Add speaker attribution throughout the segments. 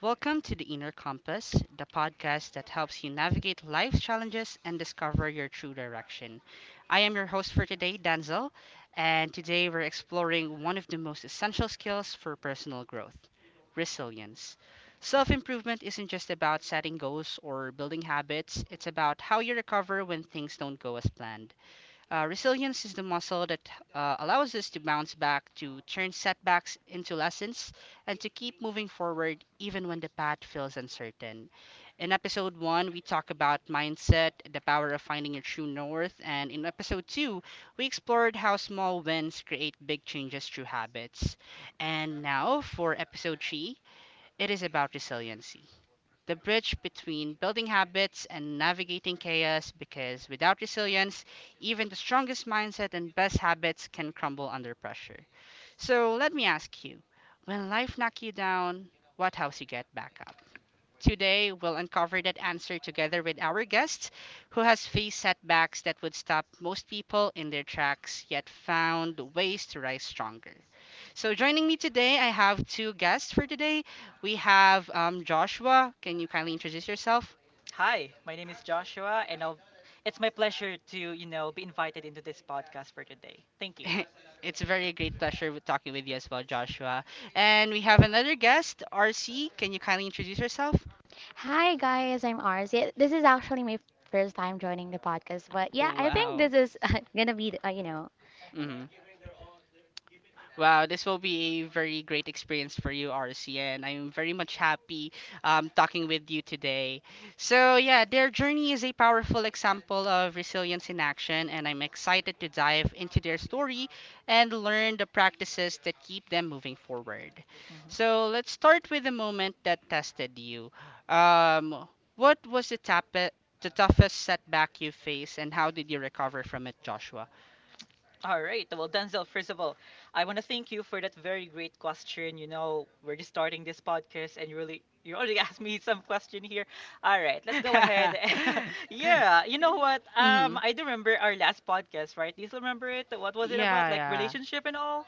Speaker 1: Welcome to the Inner Compass, the podcast that helps you navigate life's challenges and discover your true direction. I am your host for today, Danzel, and today we're exploring one of the most essential skills for personal growth, resilience. Self improvement isn't just about setting goals or building habits, it's about how you recover when things don't go as planned. Resilience is the muscle that allows us to bounce back, to turn setbacks into lessons, and to keep moving forward even when the path feels uncertain. In episode one, we talk about mindset, the power of finding your true north, and in episode two, we explored how small wins create big changes through habits. And now for episode three, it is about resiliency, the bridge between building habits and navigating chaos, because without resilience, even the strongest mindset and best habits can crumble under pressure. So let me ask you, when life knocks you down, what helps you get back up? Today, we'll uncover that answer together with our guest who has faced setbacks that would stop most people in their tracks yet found ways to rise stronger. So joining me today, I have two guests for today. We have Joshua. Can you kindly introduce yourself?
Speaker 2: Hi, my name is Joshua, and it's my pleasure to, you know, be invited into this podcast for today. Thank you.
Speaker 1: It's a very great pleasure with talking with you as well, Joshua. And we have another guest, RC. Can you kindly introduce yourself?
Speaker 3: Hi guys, I'm Ars. Yeah, this is actually my first time joining the podcast, but yeah, I think this
Speaker 1: Wow.
Speaker 3: is gonna be...
Speaker 1: Wow, this will be a very great experience for you, RC, and I'm very much happy talking with you today. So, yeah, their journey is a powerful example of resilience in action, and I'm excited to dive into their story and learn the practices that keep them moving forward.
Speaker 2: Mhm.
Speaker 1: So, let's start with the moment that tested you. Um, what was the toughest setback you faced, and how did you recover from it, Joshua?
Speaker 2: All right. Well, Denzel, first of all, I want to thank you for that very great question. You know, we're just starting this podcast, and you already asked me some question here. All right, let's go ahead. Yeah, you know what?
Speaker 1: Hmm.
Speaker 2: I do remember our last podcast, right? Do you still remember it? What was it about?
Speaker 1: Yeah,
Speaker 2: Like
Speaker 1: yeah.
Speaker 2: relationship and all?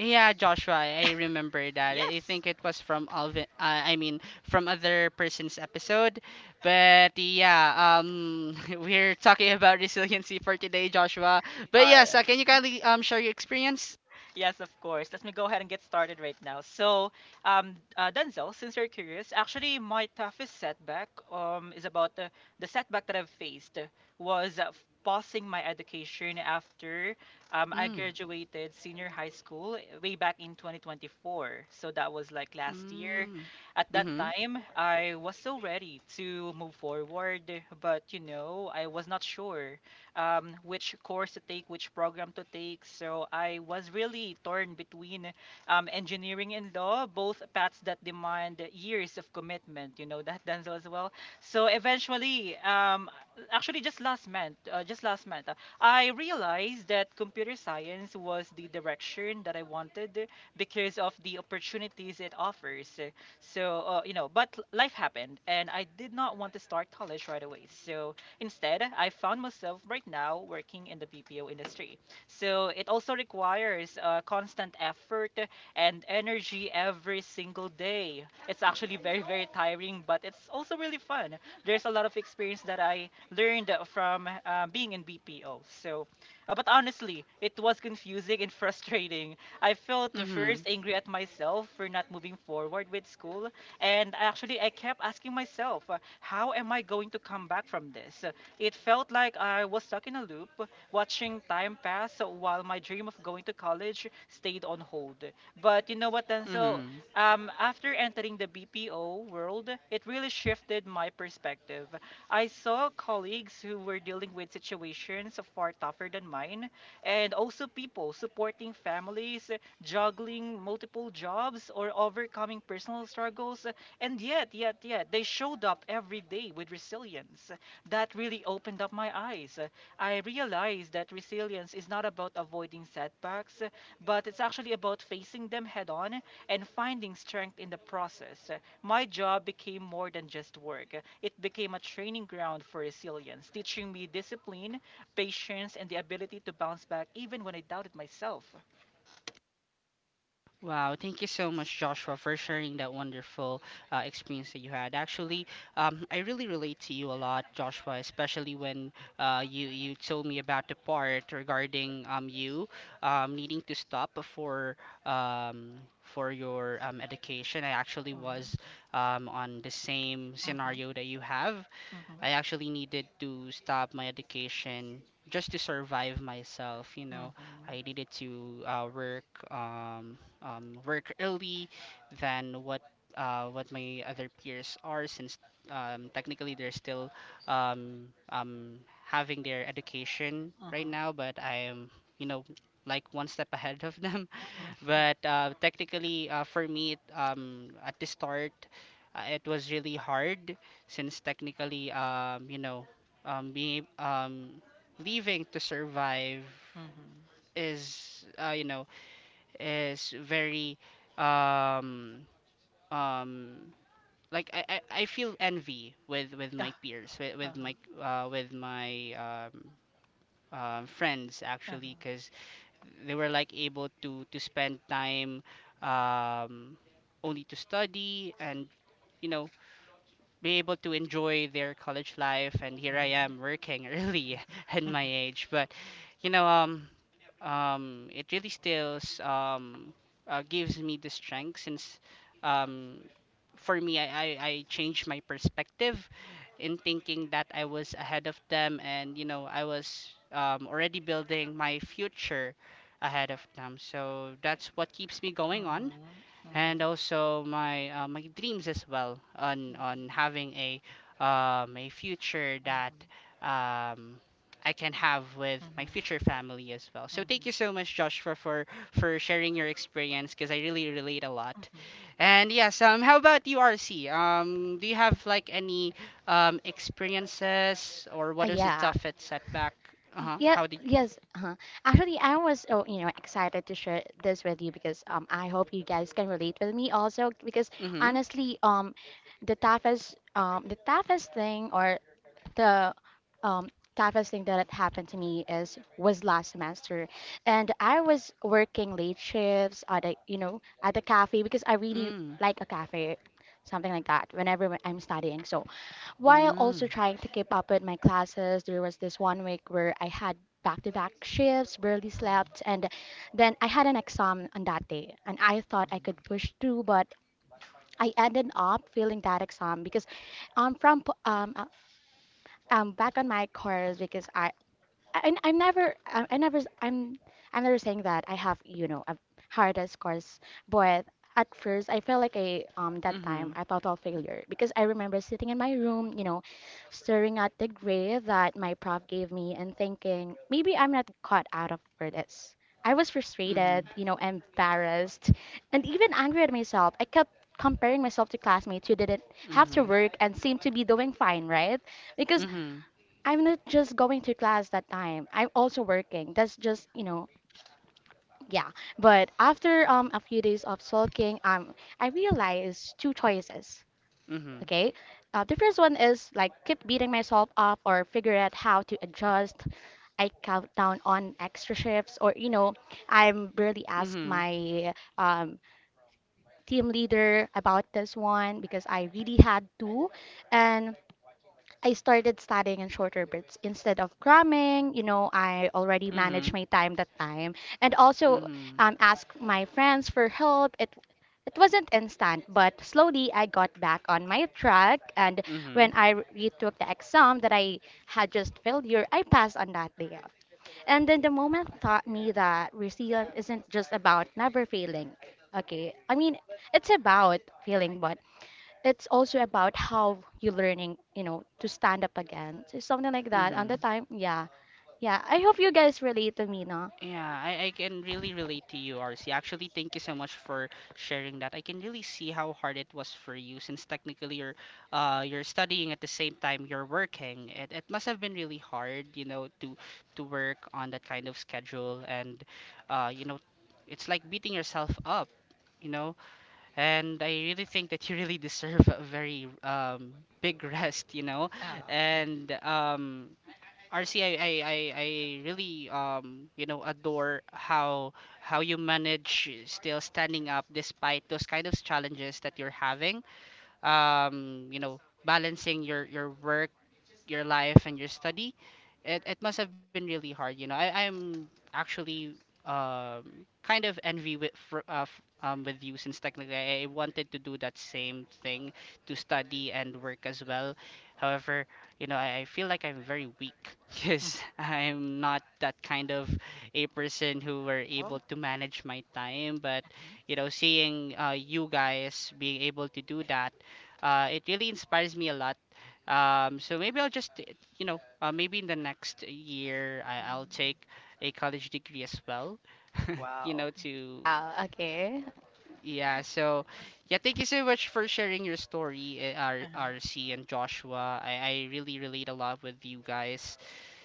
Speaker 1: Yeah, Joshua, I remember that. I
Speaker 2: Yes.
Speaker 1: think it was from Alvin, I mean, from other person's episode. But yeah, we're talking about resiliency for today, Joshua. But
Speaker 2: All
Speaker 1: yes, can you kindly share your experience?
Speaker 2: Yes, of course. Let me go ahead and get started right now. So, Denzel, since you're curious, actually, my toughest setback is about the setback that I've faced was pausing my education after I
Speaker 1: Mm.
Speaker 2: graduated senior high school way back in 2024. So, that was like last year.
Speaker 1: Mm.
Speaker 2: At that
Speaker 1: Mm-hmm.
Speaker 2: time, I was so ready to move forward, but you know, I was not sure which course to take, which program to take. So I was really torn between engineering and law, both paths that demand years of commitment. You know that, Denzel, as well. So eventually, actually, just last month, I realized that computer science was the direction that I wanted because of the opportunities it offers. So, you know, but life happened, and I did not want to start college right away. So instead, I found myself right now working in the BPO industry. So it also requires constant effort and energy every single day. It's actually very, very tiring, but it's also really fun. There's a lot of experience that I learned from being in BPO. So, but honestly, it was confusing and frustrating. I felt the
Speaker 1: Mm-hmm.
Speaker 2: first angry at myself for not moving forward with school, and actually, I kept asking myself, how am I going to come back from this? It felt like I was stuck in a loop, watching time pass while my dream of going to college stayed on hold. But you know what, Denzel?
Speaker 1: Mm-hmm.
Speaker 2: After entering the BPO world, it really shifted my perspective. I saw colleagues who were dealing with situations far tougher than mine, and also people supporting families, juggling multiple jobs, or overcoming personal struggles. And yet, they showed up every day with resilience. That really opened up my eyes. I realized that resilience is not about avoiding setbacks, but it's actually about facing them head on and finding strength in the process. My job became more than just work, it became a training ground for resilience, teaching me discipline, patience, and the ability to bounce back even when I doubted myself.
Speaker 1: Wow, thank you so much, Joshua, for sharing that wonderful experience that you had. Actually, I really relate to you a lot, Joshua, especially when you told me about the part regarding you needing to stop for your education. I actually was
Speaker 2: Mhm,
Speaker 1: on the same
Speaker 2: mhm,
Speaker 1: scenario that you have.
Speaker 2: mhm,
Speaker 1: I actually needed to stop my education just to survive myself. You know,
Speaker 2: mhm,
Speaker 1: I needed to work work early than what my other peers are, since technically they're still um, um, having their education right
Speaker 2: mhm,
Speaker 1: now, but I am, you know, like one step ahead of them,
Speaker 2: mhm,
Speaker 1: but technically, for me, at the start, it was really hard since technically, you know, being leaving to survive
Speaker 2: mhm.
Speaker 1: is, you know, is very, um, um, like I feel envy with my peers, with,
Speaker 2: Ah,
Speaker 1: with
Speaker 2: uh-huh,
Speaker 1: my with my friends actually,
Speaker 2: uh-huh,
Speaker 1: 'cause they were like able to spend time um, only to study, and you know, be able to enjoy their college life, and here I
Speaker 2: mhm,
Speaker 1: am working early at
Speaker 2: mhm, mhm,
Speaker 1: my
Speaker 2: mhm,
Speaker 1: age, but you know, it really still gives me the strength since um for me, I changed my perspective in thinking that I was ahead of them, and you know, I was already building my future ahead of them. So that's what keeps me
Speaker 2: mhm,
Speaker 1: going on,
Speaker 2: mhm, mhm,
Speaker 1: and also my my dreams as well on having a future that um, I can have with my
Speaker 2: mhm,
Speaker 1: future family as well. So thank you so much, Josh, for sharing your experience, because I really relate a lot. And yes, how about you, RC? Do you have like any experiences, or what was the
Speaker 3: yeah,
Speaker 1: toughest setback? Uh huh.
Speaker 3: yeah,
Speaker 1: How did?
Speaker 3: yes. Uh-huh. Actually, I was, oh, excited to share this with you because I hope you guys can relate with me also because
Speaker 1: Mhm.
Speaker 3: honestly, the toughest thing the um, that had happened to me is was last semester, and I was working late shifts at a cafe because I really
Speaker 1: Mm.
Speaker 3: like a cafe, something like that. Whenever I'm studying, so while also
Speaker 1: Mm.
Speaker 3: trying to keep up with my classes, there was this one week where I had back-to-back shifts, barely slept, and then I had an exam on that day, and I
Speaker 2: mhm,
Speaker 3: thought I
Speaker 2: mhm,
Speaker 3: could
Speaker 2: mhm,
Speaker 3: push through, but I ended up failing that exam because I'm from Po- um, uh, back on my course because I never s- I'm never saying that I have a hardest course, but at first I felt like a that time
Speaker 1: Mhm.
Speaker 3: a total failure because I remember sitting in my room staring at the grade that my prof gave me and thinking maybe I'm not caught out of for this. I was
Speaker 1: Mhm.
Speaker 3: frustrated, embarrassed, and even angry at myself. I kept comparing myself to classmates who didn't have to
Speaker 1: Mhm.
Speaker 3: work and seemed to be doing fine, right? Because
Speaker 2: mhm.
Speaker 1: Mhm.
Speaker 3: I'm not just going to class that time. I'm also working. That's just, yeah. But after a few days of sulking, I realized two choices.
Speaker 1: Mhm.
Speaker 3: Okay? The first one is like keep beating myself up or figure out how to adjust. I count down on extra shifts, or I'm barely ask
Speaker 1: Mhm.
Speaker 3: my team leader about this one because I really had to, and I started studying in shorter bits instead of cramming. You know, I already managed
Speaker 1: Mhm.
Speaker 3: my time that time, and also
Speaker 1: Mhm.
Speaker 3: asked my friends for help. It wasn't instant, but slowly I got back on my track. And when
Speaker 1: Mhm.
Speaker 3: I retook the exam that I had just failure, I passed on that day. And then the moment taught me that resilience isn't just about never failing. Okay, I mean it's about failing, but it's also about how you're learning, to stand up again. So something like that. On the
Speaker 1: Mhm.
Speaker 3: time, yeah. Yeah. I hope you guys relate to me, no?
Speaker 1: Yeah, I can really relate to you, RC. Actually, thank you so much for sharing that. I can really see how hard it was for you, since technically you're studying at the same time you're working. It must have been really hard, you know, to work on that kind of schedule and you know, it's like beating yourself up, you know. And I really think that you really deserve a very big rest, you know.
Speaker 2: Ow.
Speaker 1: And RC, really, you know, adore how you manage still standing up despite those kind of challenges that you're having. You know, balancing your work, your life, and your study, it must have been really hard. You know, I, I'm actually kind of envy with with you, since technically I wanted to do that same thing, to study and work as well. However, you know, I feel like I'm very weak because
Speaker 2: Mhm.
Speaker 1: I'm not that kind of a person who were able
Speaker 2: Oh.
Speaker 1: to manage my time. But
Speaker 2: Mhm.
Speaker 1: you know, seeing you guys being able to do that, it really inspires me a lot. So maybe I'll just, you know, maybe in the next year I'll
Speaker 2: Mm.
Speaker 1: take a college degree as well. You
Speaker 2: Wow.
Speaker 1: know, to
Speaker 3: Wow, okay.
Speaker 1: yeah. So yeah, thank you so much for sharing your story, R
Speaker 2: Uh-huh.
Speaker 1: RC and Joshua. I really relate a lot with you guys,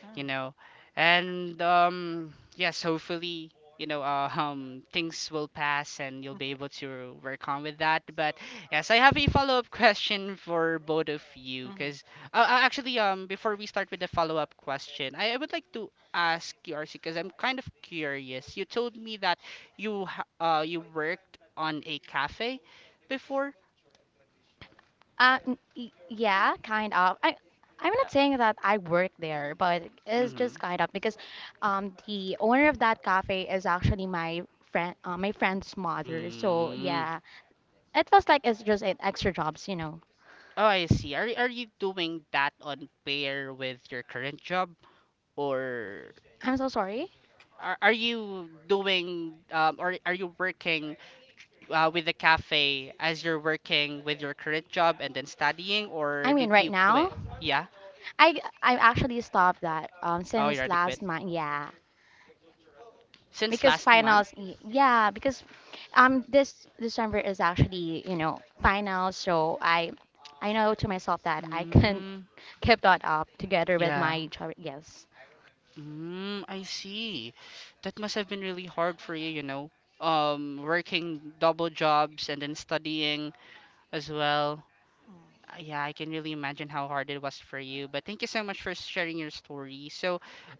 Speaker 2: Uh,
Speaker 1: you know. And yes, hopefully, you know, things will pass and you'll be
Speaker 2: mhm,
Speaker 1: able to work on with that. But yes, I have a follow-up question for both of you,
Speaker 2: mhm.
Speaker 1: because actually, before we start with the follow-up question, I would like to ask you, RC, because I'm kind of curious, you told me that you worked on a cafe before.
Speaker 3: Yeah, kind of. I'm not
Speaker 2: Uh,
Speaker 3: saying that I work there, but it's
Speaker 1: Mm-hmm.
Speaker 3: just kind of because the owner of that cafe is actually my friend's mother. So
Speaker 1: Mm.
Speaker 3: yeah. It feels like it's just an extra jobs.
Speaker 1: Oh, I see. Are you doing that on pair with your current job, or
Speaker 3: I'm so sorry.
Speaker 1: are you doing or are you working with the cafe as you're working with your current job and then studying, or
Speaker 3: I mean
Speaker 1: did
Speaker 3: right
Speaker 1: you
Speaker 3: now.
Speaker 1: quit? Yeah.
Speaker 3: I actually stopped that
Speaker 1: Oh, you
Speaker 3: since
Speaker 1: already quit
Speaker 3: last month. Yeah,
Speaker 1: since
Speaker 3: because
Speaker 1: last month.
Speaker 3: finals. Yeah, because this December is actually finals. So I know to myself that I can
Speaker 1: Mm.
Speaker 3: keep that up together with
Speaker 1: Yeah.
Speaker 3: my job. Yes.
Speaker 1: Mm, I see. That must have been really hard for you, you know, working double jobs and then studying as well.
Speaker 2: mm.
Speaker 1: Yeah, I can really imagine how hard it was for you. But thank you so much for sharing your story. So,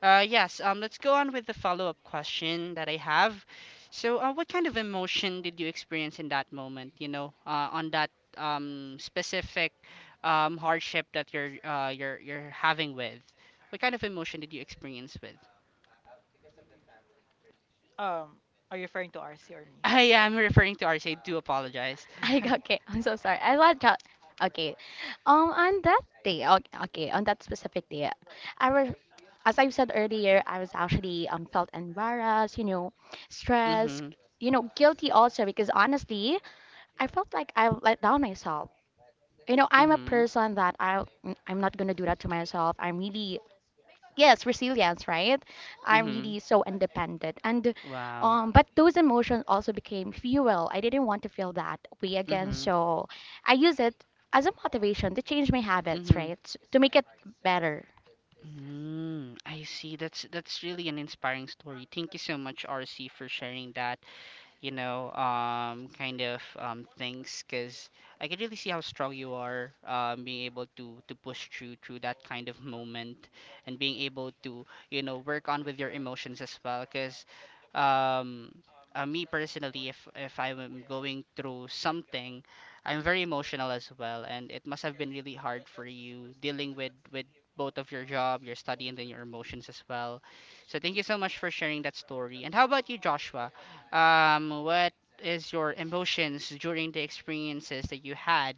Speaker 1: yes, let's go on with the follow-up question that I have. So, what kind of emotion did you experience in that moment? You know, on that specific hardship that you're you're having with. What kind of emotion did you experience with?
Speaker 2: Um, are you referring to RC or me?
Speaker 1: Ah, yeah, I'm referring to RJ. Do apologize.
Speaker 3: I got okay. I'm so sorry. I like that. Okay. On that day, okay, okay, on that specific day, I was, as I said earlier, I was actually felt embarrassed, you know, stressed,
Speaker 1: Mhm.
Speaker 3: you know, guilty also because honestly, I felt like I let down myself. You know, I'm a
Speaker 1: Mhm.
Speaker 3: person that I'm not gonna do that to myself. I'm really, yes, resilience, right? I'm
Speaker 1: Mhm.
Speaker 3: really so independent, and
Speaker 1: Wow.
Speaker 3: but those emotions also became fuel. I didn't want to feel that way again,
Speaker 1: Mhm.
Speaker 3: so I use it as a motivation to change my habits,
Speaker 1: Mhm.
Speaker 3: right, to make it better.
Speaker 1: Mm, I see. That's really an inspiring story. Thank you so much, RC, for sharing that, you know, kind of things. Because I can really see how strong you are, being able to push through through that kind of moment, and being able to, you know, work on with your emotions as well. Because um, me personally, if I'm going through something, I'm very emotional as well, and it must have been really hard for you dealing with both of your job, your study, and then your emotions as well. So thank you so much for sharing that story. And how about you, Joshua? What is your emotions during the experiences that you had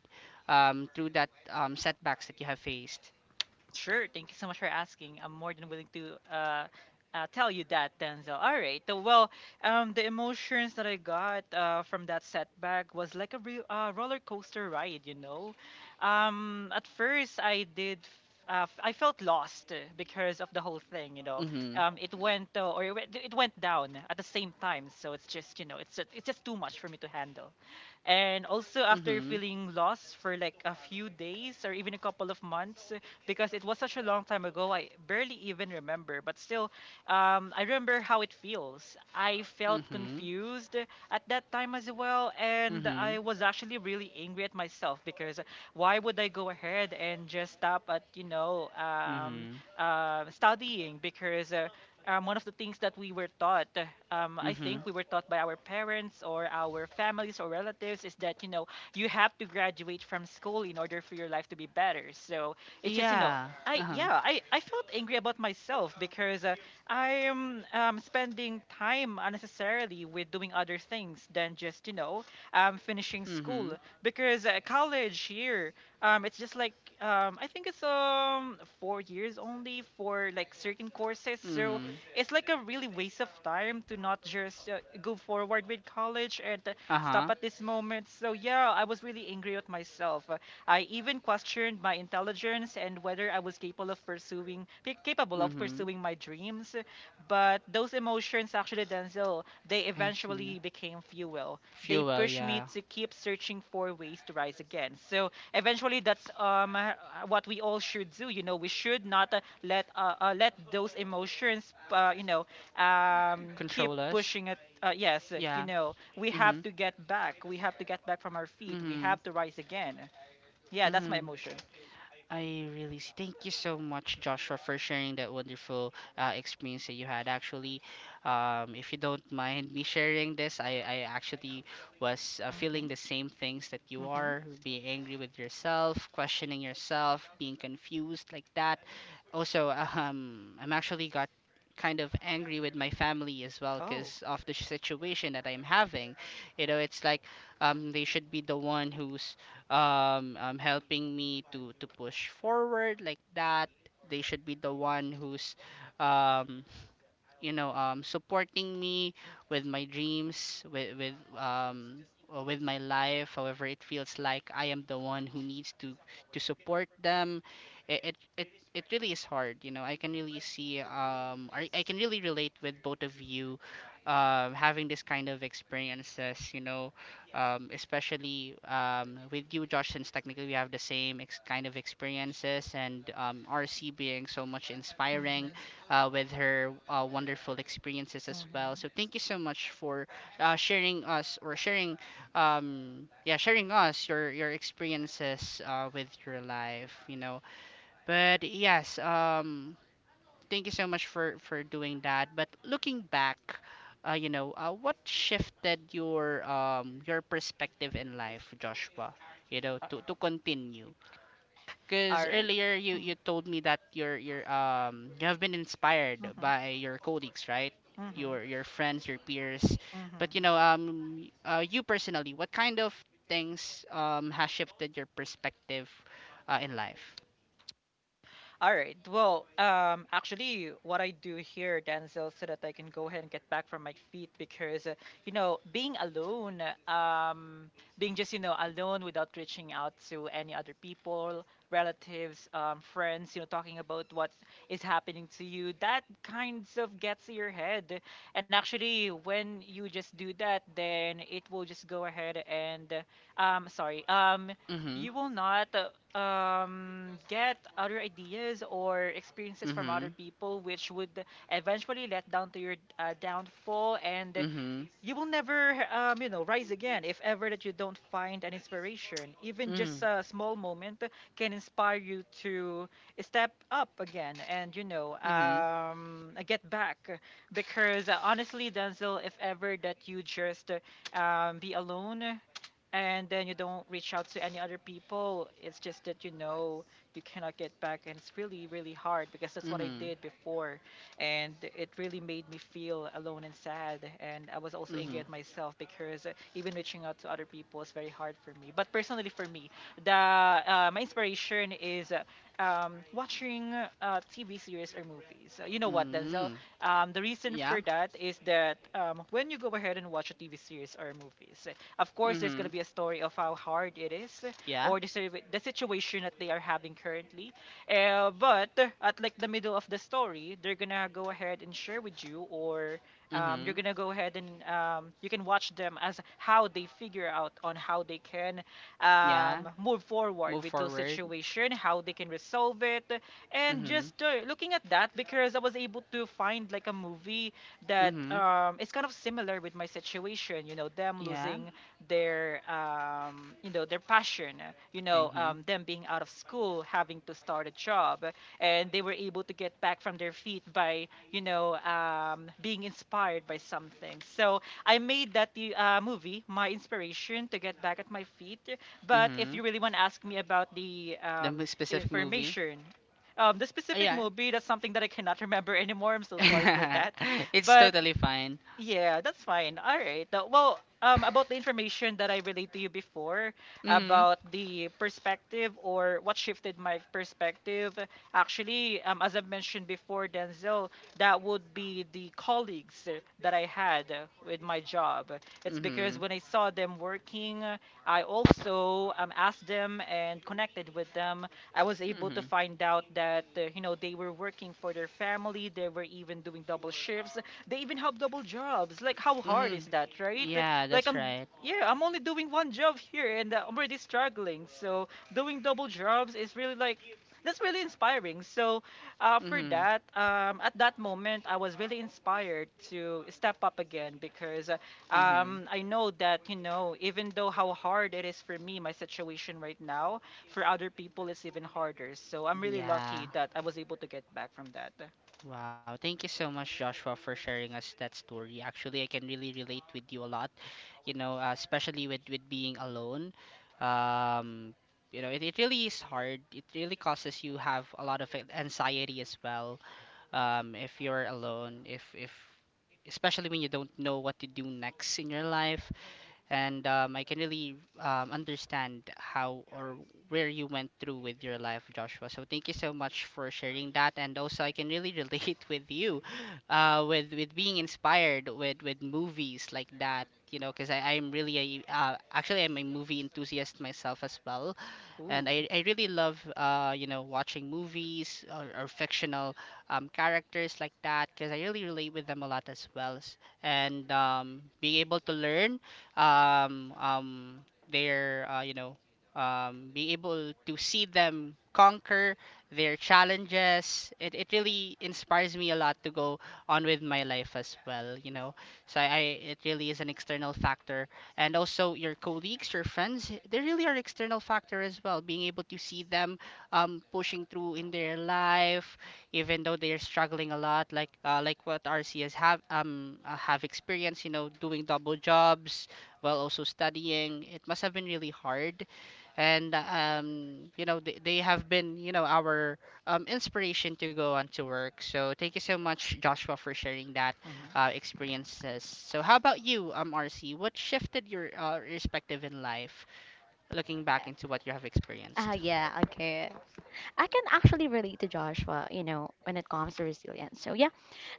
Speaker 1: through that setbacks that you have faced?
Speaker 2: Sure. Thank you so much for asking. I'm more than willing to tell you that, Denzel. All right. So, well, the emotions that I got from that setback was like a real roller coaster ride, you know. At first, I did. F- f- I felt lost because of the whole thing, you know.
Speaker 1: Mm-hmm.
Speaker 2: It went or it went down at the same time, so it's just you know, it's just too much for me to handle. And also after
Speaker 1: Mm-hmm.
Speaker 2: feeling lost for like a few days or even a couple of months, because it was such a long time ago. I barely even remember, but still, I remember how it feels. I felt
Speaker 1: Mm-hmm.
Speaker 2: confused at that time as well, and
Speaker 1: Mm-hmm.
Speaker 2: I was actually really angry at myself because why would I go ahead and just stop at you know
Speaker 1: Mm-hmm.
Speaker 2: studying because. One of the things that we were taught, I
Speaker 1: Mm-hmm.
Speaker 2: think we were taught by our parents or our families or relatives, is that you know you have to graduate from school in order for your life to be better. So it's just, you know,
Speaker 1: Yeah.
Speaker 2: I
Speaker 1: Uh-huh.
Speaker 2: yeah, I felt angry about myself because I'm spending time unnecessarily with doing other things than just, you know, finishing
Speaker 1: Mm-hmm.
Speaker 2: school because college here it's just like I think it's four years only for like certain courses. So
Speaker 1: Mm-hmm.
Speaker 2: it's like a really waste of time to not just go forward with college and stop
Speaker 1: Uh-huh.
Speaker 2: at this moment. So yeah, I was really angry with myself. I even questioned my intelligence and whether I was capable of
Speaker 1: Mm-hmm.
Speaker 2: pursuing my dreams. But those emotions actually Denzel, they
Speaker 1: I see.
Speaker 2: eventually became fuel. They
Speaker 1: Fuel,
Speaker 2: pushed me
Speaker 1: yeah.
Speaker 2: to keep searching for ways to rise again. So eventually that's what we all should do. You know, we should not let those emotions you know keep
Speaker 1: Control us.
Speaker 2: pushing it yes, you
Speaker 1: Yeah.
Speaker 2: know, we
Speaker 1: Mm-hmm.
Speaker 2: have to get back. We have to get back from our feet. We
Speaker 1: Mm-hmm.
Speaker 2: have to rise again. Yeah, that's my
Speaker 1: Mm-hmm.
Speaker 2: emotion.
Speaker 1: I really see. Thank you so much, Joshua, for sharing that wonderful experience that you had. Actually, if you don't mind me sharing this, I actually was feeling
Speaker 2: Mhm.
Speaker 1: the same things that you
Speaker 2: Mhm.
Speaker 1: are, being angry with yourself, questioning yourself, being confused like that. Also, I'm actually got kind of angry with my family as well
Speaker 2: Oh.
Speaker 1: because of the situation that I'm having. You know, it's like they should be the one who's helping me to push forward like that. They should be the one who's um, supporting me with my dreams with my life. However, it feels like I am the one who needs to support them. It it it, it really is hard. You know, I can really see. I can really relate with both of you having this kind of experiences, especially with you, Josh, since technically we have the same kind of experiences, and RC being so much
Speaker 2: Mhm.
Speaker 1: inspiring with her wonderful experiences as
Speaker 2: Mhm.
Speaker 1: well. So thank you so much for sharing us or sharing, yeah, sharing us your experiences with your life. You know, but yes, thank you so much for doing that. But looking back, what shifted your perspective in life, Joshua? You know, to continue. Because
Speaker 2: All right.
Speaker 1: earlier you
Speaker 2: Mhm.
Speaker 1: told me that you have been inspired by your colleagues, right?
Speaker 2: Mhm.
Speaker 1: Your friends, your peers. But you
Speaker 2: Mhm.
Speaker 1: know, you personally, what kind of things has shifted your perspective in life?
Speaker 2: All right. Well, actually, what I do here, Denzel, so that I can go ahead and get back from my feet, because you know, being alone, being just you know alone without reaching out to any other people, relatives, friends, you know, talking about what is happening to you, that kind of gets to your head. And actually, when you just do that, then it will just go ahead and, um, sorry, um,
Speaker 1: Mhm.
Speaker 2: you will not get other ideas or experiences from other
Speaker 1: Mhm.
Speaker 2: people, which would eventually let down to your downfall and
Speaker 1: Mhm.
Speaker 2: you will never you know rise again if ever that you don't find an inspiration even just
Speaker 1: Mhm.
Speaker 2: a small moment can inspire you to step up again and you know
Speaker 1: Mhm.
Speaker 2: get back because honestly Denzel if ever that you just be alone and then you don't reach out to any other people it's just that you know you cannot get back and it's really really hard because that's what I
Speaker 1: Mhm.
Speaker 2: did before and it really made me feel alone and sad and I was also angry
Speaker 1: Mhm.
Speaker 2: at myself because even reaching out to other people is very hard for me but personally for me the my inspiration is watching TV series or movies. You know what Denzel,
Speaker 1: Mhm.
Speaker 2: the reason
Speaker 1: Yeah.
Speaker 2: for that is that when you go ahead and watch a TV series or movies of course there's going to
Speaker 1: Mhm.
Speaker 2: be a story of how hard it is
Speaker 1: Yeah.
Speaker 2: or the situation that they are having currently but at like the middle of the story, they're gonna go ahead and share with you, or you're
Speaker 1: Mhm.
Speaker 2: gonna go ahead and you can watch them as how they figure out on how they can
Speaker 1: Yeah.
Speaker 2: move forward
Speaker 1: Move
Speaker 2: with those
Speaker 1: forward.
Speaker 2: situation, how they can resolve it, and
Speaker 1: Mhm.
Speaker 2: just looking at that because I was able to find like a movie that
Speaker 1: Mhm.
Speaker 2: is kind of similar with my situation. You know, them
Speaker 1: Yeah.
Speaker 2: losing their you know their passion you know
Speaker 1: Mhm.
Speaker 2: them being out of school having to start a job and they were able to get back from their feet by you know being inspired by something so I made that the movie my inspiration to get back at my feet. But if
Speaker 1: Mhm.
Speaker 2: you really want to ask me about the
Speaker 1: The specific movie?
Speaker 2: information the specific
Speaker 1: Yeah.
Speaker 2: movie, that's something that I cannot remember anymore. I'm so sorry for that.
Speaker 1: It's
Speaker 2: But
Speaker 1: totally fine.
Speaker 2: yeah, that's fine. All right. Well, about the information that I relayed to you before
Speaker 1: Mhm.
Speaker 2: about the perspective or what shifted my perspective, actually, as I mentioned before, Denzel, that would be the colleagues that I had with my job. It's because
Speaker 1: Mhm.
Speaker 2: when I saw them working, I also asked them and connected with them. I was able to
Speaker 1: Mhm.
Speaker 2: find out that, you know, they were working for their family, they were even doing double shifts, they even have double jobs. Like how hard is
Speaker 1: Mhm.
Speaker 2: that, right?
Speaker 1: Yeah,
Speaker 2: Like
Speaker 1: that's
Speaker 2: I'm
Speaker 1: right.
Speaker 2: yeah, I'm only doing one job here and I'm already struggling. So doing double jobs is really like that's really inspiring. So for
Speaker 1: Mhm.
Speaker 2: that, at that moment, I was really inspired to step up again because
Speaker 1: Mhm.
Speaker 2: I know that, you know, even though how hard it is for me, my situation right now, for other people, it's even harder. So I'm really
Speaker 1: Yeah.
Speaker 2: lucky that I was able to get back from that.
Speaker 1: Wow. Thank you so much, Joshua, for sharing us that story. Actually, I can really relate with you a lot. You know, especially with being alone. Um, it really is hard. It really causes you have a lot of anxiety as well. If you're alone, if especially when you don't know what to do next in your life. And I can really understand how or where you went through with your life, Joshua. So thank you so much for sharing that. And also, I can really relate with you, with being inspired with movies like that. You know, because I'm really a actually I'm a movie enthusiast myself as well, and
Speaker 2: Ooh.
Speaker 1: I really love watching movies , or fictional characters like that, because I really relate with them a lot as well. And being able to learn um, um, their being able to see them conquer their challenges, it really inspires me a lot to go on with my life as well. So I it really is an external factor. And also your colleagues, your friends. They really are external factor as well. Being able to see them pushing through in their life, even though they are struggling a lot, like what RCS have experienced. You know, doing double jobs while also studying. It must have been really hard. And um you know they, they have been our inspiration to go on to work. So thank you so much, Joshua, for sharing that
Speaker 2: Hmm.
Speaker 1: experiences. So how about you, RC, what shifted your perspective in life, looking back into what you have
Speaker 3: Ah,
Speaker 1: experienced?
Speaker 3: yeah, okay. I can actually relate to Joshua, you know, when it comes to resilience. So yeah,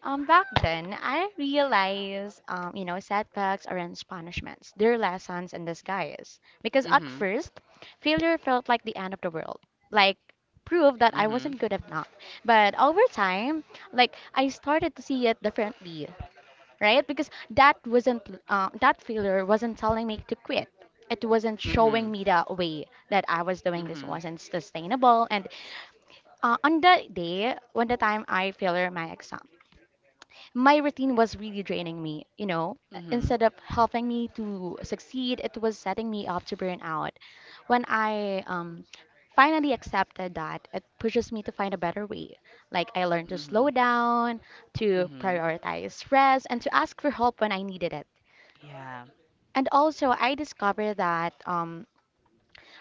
Speaker 3: back then I realized, setbacks aren't punishments; they're lessons in disguise. Because at
Speaker 1: Mm-hmm.
Speaker 3: first, failure felt like the end of the world, like proof that I
Speaker 1: Mm-hmm.
Speaker 3: wasn't good enough. But over time, like I started to see it differently, right? Because that failure wasn't telling me to quit. It wasn't showing
Speaker 1: Mm-hmm.
Speaker 3: me the way that I was doing this
Speaker 1: Mm-hmm.
Speaker 3: wasn't sustainable. And on the day, when the time I failed my exam, my routine was really draining me. You know,
Speaker 1: Mm-hmm.
Speaker 3: instead of helping me to succeed, it was setting me up to burn out. When I finally accepted that, it pushes me to find a better way. Like I learned to
Speaker 1: Mm-hmm.
Speaker 3: slow down, to
Speaker 1: Mm-hmm.
Speaker 3: prioritize rest, and to ask for help when I needed it.
Speaker 1: Yeah.
Speaker 3: And also, I discovered that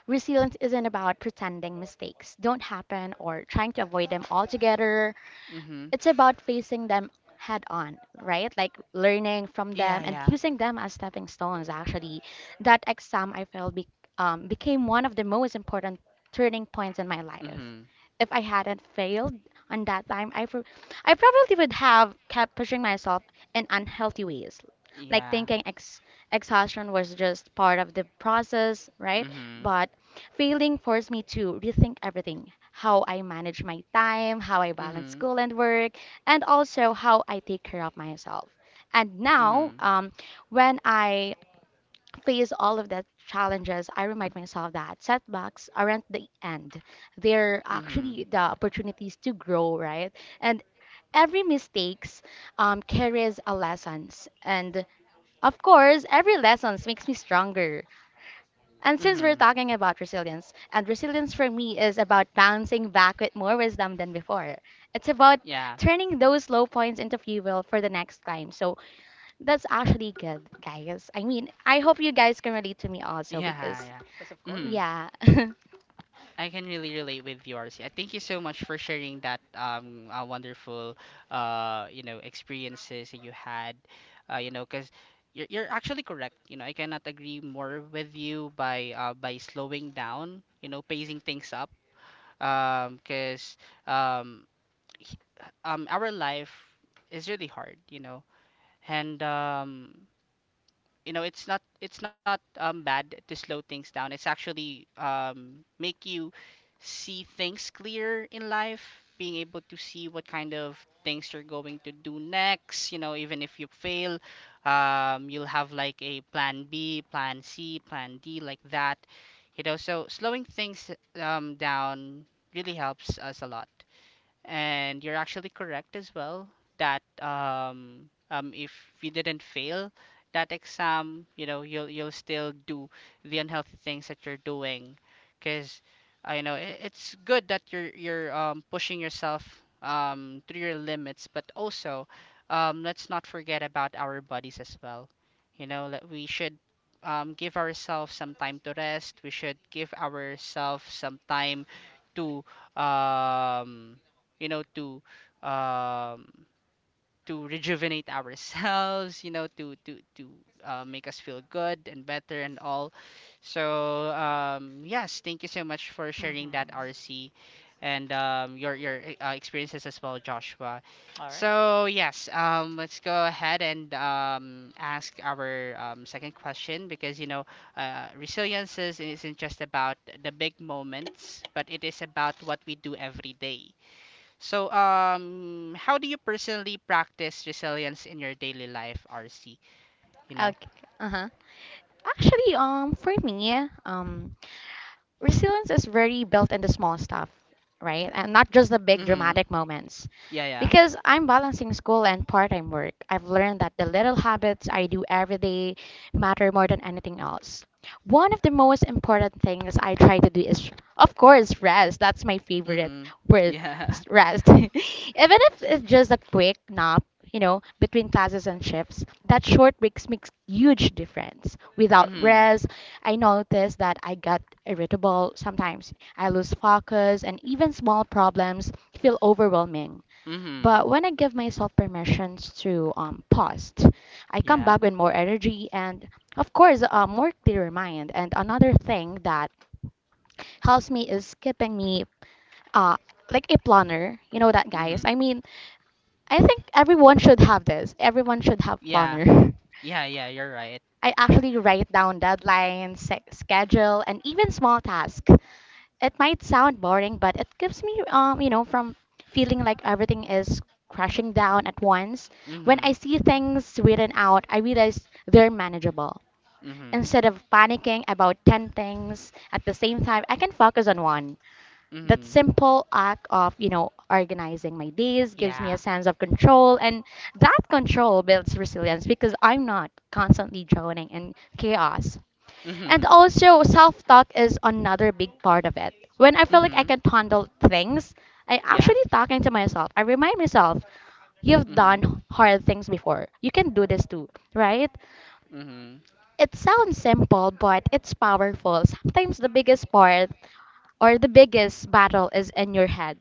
Speaker 3: resilience isn't about pretending mistakes don't happen or trying to avoid them altogether.
Speaker 1: Mm-hmm.
Speaker 3: It's about facing them head on, right? Like learning from
Speaker 1: Yeah.
Speaker 3: them and
Speaker 1: Yeah.
Speaker 3: using them as stepping stones, actually. That exam I failed became one of the most important turning points in my life.
Speaker 1: Mm-hmm.
Speaker 3: If I hadn't failed on that time, I probably would have kept pushing myself in unhealthy ways, like
Speaker 1: Yeah.
Speaker 3: thinking exhaustion was just part of the process, right?
Speaker 1: Mm-hmm.
Speaker 3: But failing forced me to rethink everything: how I manage my time, how I balance
Speaker 1: Mm-hmm.
Speaker 3: school and work, and also how I take care of myself. And now,
Speaker 1: Mm-hmm.
Speaker 3: when I face all of the challenges, I remind myself that setbacks aren't the end. They're
Speaker 1: Mm-hmm.
Speaker 3: actually the opportunities to grow, right? And every mistakes carries a lessons. And of course, every lessons makes me stronger. And since we're
Speaker 1: Mm-hmm.
Speaker 3: talking about resilience, and resilience for me is about bouncing back with more wisdom than before. It's about
Speaker 1: Yeah.
Speaker 3: turning those low points into fuel for the next time. So that's actually good, guys. I mean, I hope you guys can relate to me also
Speaker 1: Yeah,
Speaker 3: because,
Speaker 1: yeah.
Speaker 2: Yes, of
Speaker 1: Hmm.
Speaker 2: course.
Speaker 3: yeah. Okay.
Speaker 1: I can really relate with you, RC. Thank you so much for sharing that wonderful experiences that you had, because you're actually correct. You know, I cannot agree more with you by slowing down. You know, pacing things up. Because um h- our life is really hard. You know and. You know, it's not bad to slow things down. It's actually make you see things clear in life, being able to see what kind of things you're going to do next. You know, even if you fail, you'll have like a plan B, plan C, plan D, like that. You know, so slowing things down really helps us a lot. And you're actually correct as well that if you didn't fail that exam, you know, you'll still do the unhealthy things that you're doing, because I know it's good that you're pushing yourself to your limits, but also let's not forget about our bodies as well. You know, that we should give ourselves some time to rest. We should give ourselves some time to um, you know to um, to rejuvenate ourselves, you know, to make us feel good and better and all. So yes, thank you so much for sharing that,
Speaker 2: Mm-hmm.
Speaker 1: RC, and your experiences as well, Joshua.
Speaker 2: All right.
Speaker 1: So yes, let's go ahead and ask our second question, because you know, resilience isn't just about the big moments, but it is about what we do every day. So, how do you personally practice resilience in your daily life, RC? You
Speaker 3: Uh
Speaker 1: know?
Speaker 3: huh. Actually, for me, resilience is very built in the small stuff, right? And not just the big
Speaker 1: Mm-hmm.
Speaker 3: dramatic moments.
Speaker 1: Yeah, yeah.
Speaker 3: Because I'm balancing school and part time work, I've learned that the little habits I do every day matter more than anything else. One of the most important things I try to do is, of course, rest. That's my favorite
Speaker 1: Mm-hmm.
Speaker 3: word,
Speaker 1: Yeah.
Speaker 3: rest. Even if it's just a quick nap, you know, between classes and shifts, that short breaks makes huge difference. Without
Speaker 1: Mm-hmm.
Speaker 3: rest, I noticed that I get irritable sometimes. I lose focus, and even small problems feel overwhelming.
Speaker 1: Mm-hmm.
Speaker 3: But when I give myself permissions to pause, I come
Speaker 1: Yeah.
Speaker 3: back with more energy and, of course, a more clear mind. And another thing that helps me is keeping me uh, like a planner. You know that, guys?
Speaker 1: Mm-hmm.
Speaker 3: I mean, I think everyone should have this. Everyone should have
Speaker 1: Yeah.
Speaker 3: planner.
Speaker 1: Yeah, yeah, you're right.
Speaker 3: I actually write down deadlines, schedule, and even small tasks. It might sound boring, but it gives me, you know, from feeling like everything is crashing down at once. When
Speaker 1: Mm-hmm.
Speaker 3: I see things written out, I realize they're manageable.
Speaker 1: Mm-hmm.
Speaker 3: Instead of panicking about 10 things at the same time, I can focus on one. That
Speaker 1: Mm-hmm.
Speaker 3: simple act of, you know, organizing my days gives me
Speaker 1: Yeah.
Speaker 3: a sense of control, and that control builds resilience because I'm not constantly drowning in chaos. And
Speaker 1: Mm-hmm.
Speaker 3: also, self talk is another big part of it. When I feel like I
Speaker 1: Mm-hmm.
Speaker 3: can handle things, I
Speaker 1: Yeah.
Speaker 3: actually talking to myself. I remind myself, you've
Speaker 1: Mm-hmm.
Speaker 3: done hard things before. You can do this too, right?
Speaker 1: Mm-hmm.
Speaker 3: It sounds simple, but it's powerful. Sometimes the biggest part or the biggest battle is in your head.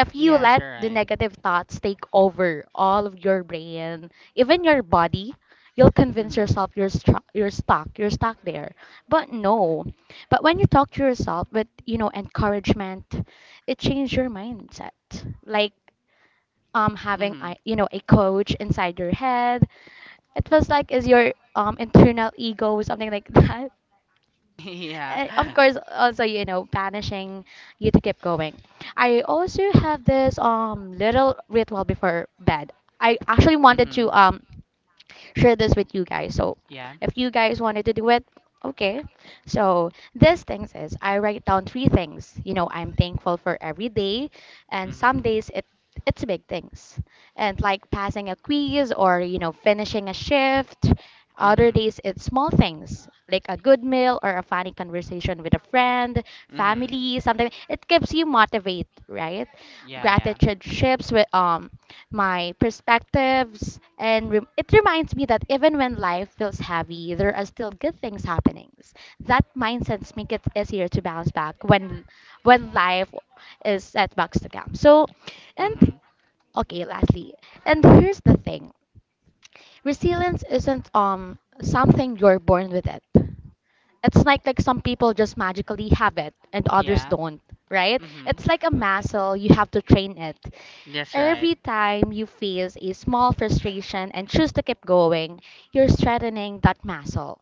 Speaker 3: If you
Speaker 1: Yes,
Speaker 3: let
Speaker 1: you're
Speaker 3: the
Speaker 1: right.
Speaker 3: negative thoughts take over all of your brain, even your body, you'll convince
Speaker 1: Mm-hmm.
Speaker 3: yourself you're stuck there. But no. But when you talk to yourself with, you know, encouragement, it changes your mindset. Like having
Speaker 1: Mm-hmm.
Speaker 3: I a coach inside your head. It feels like is your internal ego, something like that.
Speaker 1: Yeah.
Speaker 3: Of course, also, banishing you to keep going. I also have this little ritual before bed. I actually wanted to
Speaker 1: Mm-hmm.
Speaker 3: share this with you guys, so
Speaker 1: Yeah.
Speaker 3: if you guys wanted to do it, okay, so this thing is I write down three things, you know, I'm thankful for every day. And some
Speaker 1: Mm-hmm.
Speaker 3: days it's big things, and like passing a quiz or you know finishing a shift. Other
Speaker 1: Mm-hmm.
Speaker 3: days, it's small things like a good meal or a funny conversation with a friend,
Speaker 1: Mm-hmm.
Speaker 3: family, something. It keeps you motivated, right?
Speaker 1: Yeah, yeah.
Speaker 3: Gratitude shifts with my perspectives, and it reminds me that even when life feels heavy, there are still good things happening. That mindset makes it easier to bounce back when life is setbacks to come. So, and
Speaker 1: Mm-hmm.
Speaker 3: okay, lastly, and here's the thing. Resilience isn't something you're born with it. It's like some people just magically have it and others
Speaker 1: Yeah.
Speaker 3: don't, right?
Speaker 1: Mhm.
Speaker 3: It's like a muscle, you have to train it.
Speaker 1: That's right.
Speaker 3: Every time you face a small frustration and choose to keep going, you're strengthening that muscle.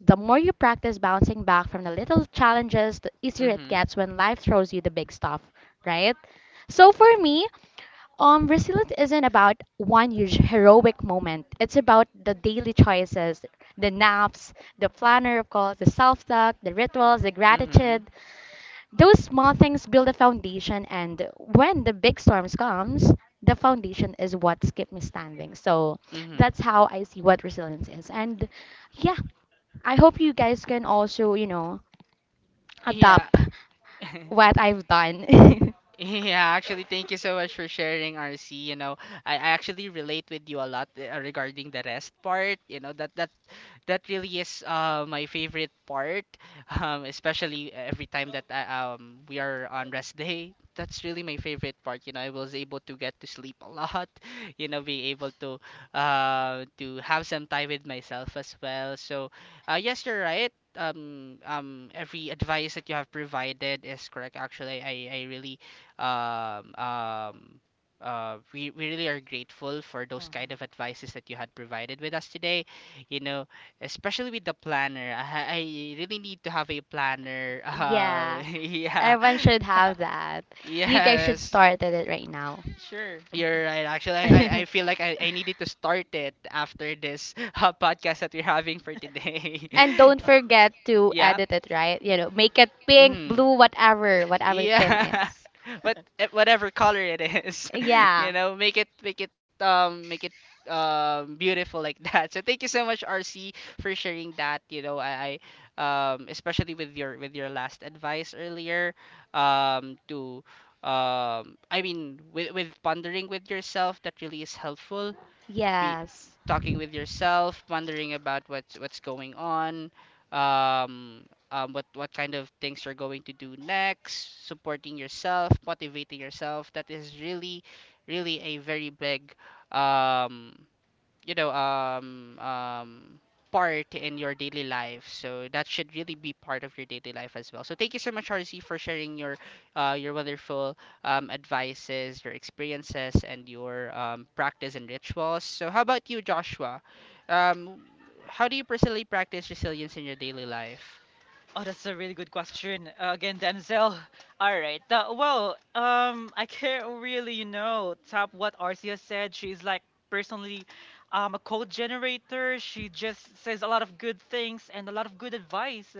Speaker 3: The more you practice bouncing back from the little challenges, the easier it
Speaker 1: Mhm.
Speaker 3: gets when life throws you the big stuff, right? So for me, resilience isn't about one huge heroic moment. It's about the daily choices, the naps, the planner, of course, the self-talk, the rituals, the
Speaker 1: Mhm.
Speaker 3: gratitude. Those small things build a foundation, and when the big storms comes, the foundation is what's kept me standing. So
Speaker 1: Mhm.
Speaker 3: that's how I see what resilience is. And yeah, I hope you guys can also,
Speaker 1: Yeah.
Speaker 3: adopt what I've done.
Speaker 1: Yeah, actually, thank you so much for sharing, RC. You know, I actually relate with you a lot regarding the rest part. You know, that really is my favorite part, especially every time that we are on rest day. That's really my favorite part. You know, I was able to get to sleep a lot. You know, being able to have some time with myself as well. So, yes, you're right. Every advice that you have provided is correct. Actually, um, um, we really are grateful for
Speaker 2: Mm-hmm.
Speaker 1: those kind
Speaker 2: Mm-hmm.
Speaker 1: of advices that you had provided with us today. You know, especially with the planner. I really need to have a planner.
Speaker 3: Yeah,
Speaker 1: Yeah.
Speaker 3: everyone should have that. You guys should
Speaker 1: Yes.
Speaker 3: start at it right now.
Speaker 2: Sure. Mhm.
Speaker 1: You're right. Actually, I feel like I needed to start it after this podcast that we're having for today.
Speaker 3: And don't forget to
Speaker 1: yeah.
Speaker 3: edit it, right? You know, make it pink,
Speaker 1: Mm.
Speaker 3: blue, whatever, whatever the theme
Speaker 1: Yeah.
Speaker 3: is.
Speaker 1: But whatever color it is,
Speaker 3: Yeah.
Speaker 1: you know, make it make it make it beautiful like that. So thank you so much, RC, for sharing that, you know. I especially with your last advice earlier to I mean with pondering with yourself, that really is helpful. Be
Speaker 3: Yes.
Speaker 1: Talking with yourself, pondering about what's going on, um, what kind of things you're going to do next, supporting yourself, motivating yourself. That is really, really a very big um, you know um um part in your daily life, so that should really be part of your daily life as well. So thank you so much, RC, for sharing your wonderful advices, your experiences, and your practice and rituals. So how about you, Joshua, um, how do you personally practice resilience in your daily life?
Speaker 2: Oh, that's a really good question. Again, Denzel. All right. I can't really, you know, top what Arcia said. She's like personally, a code generator. She just says a lot of good things and a lot of good advice.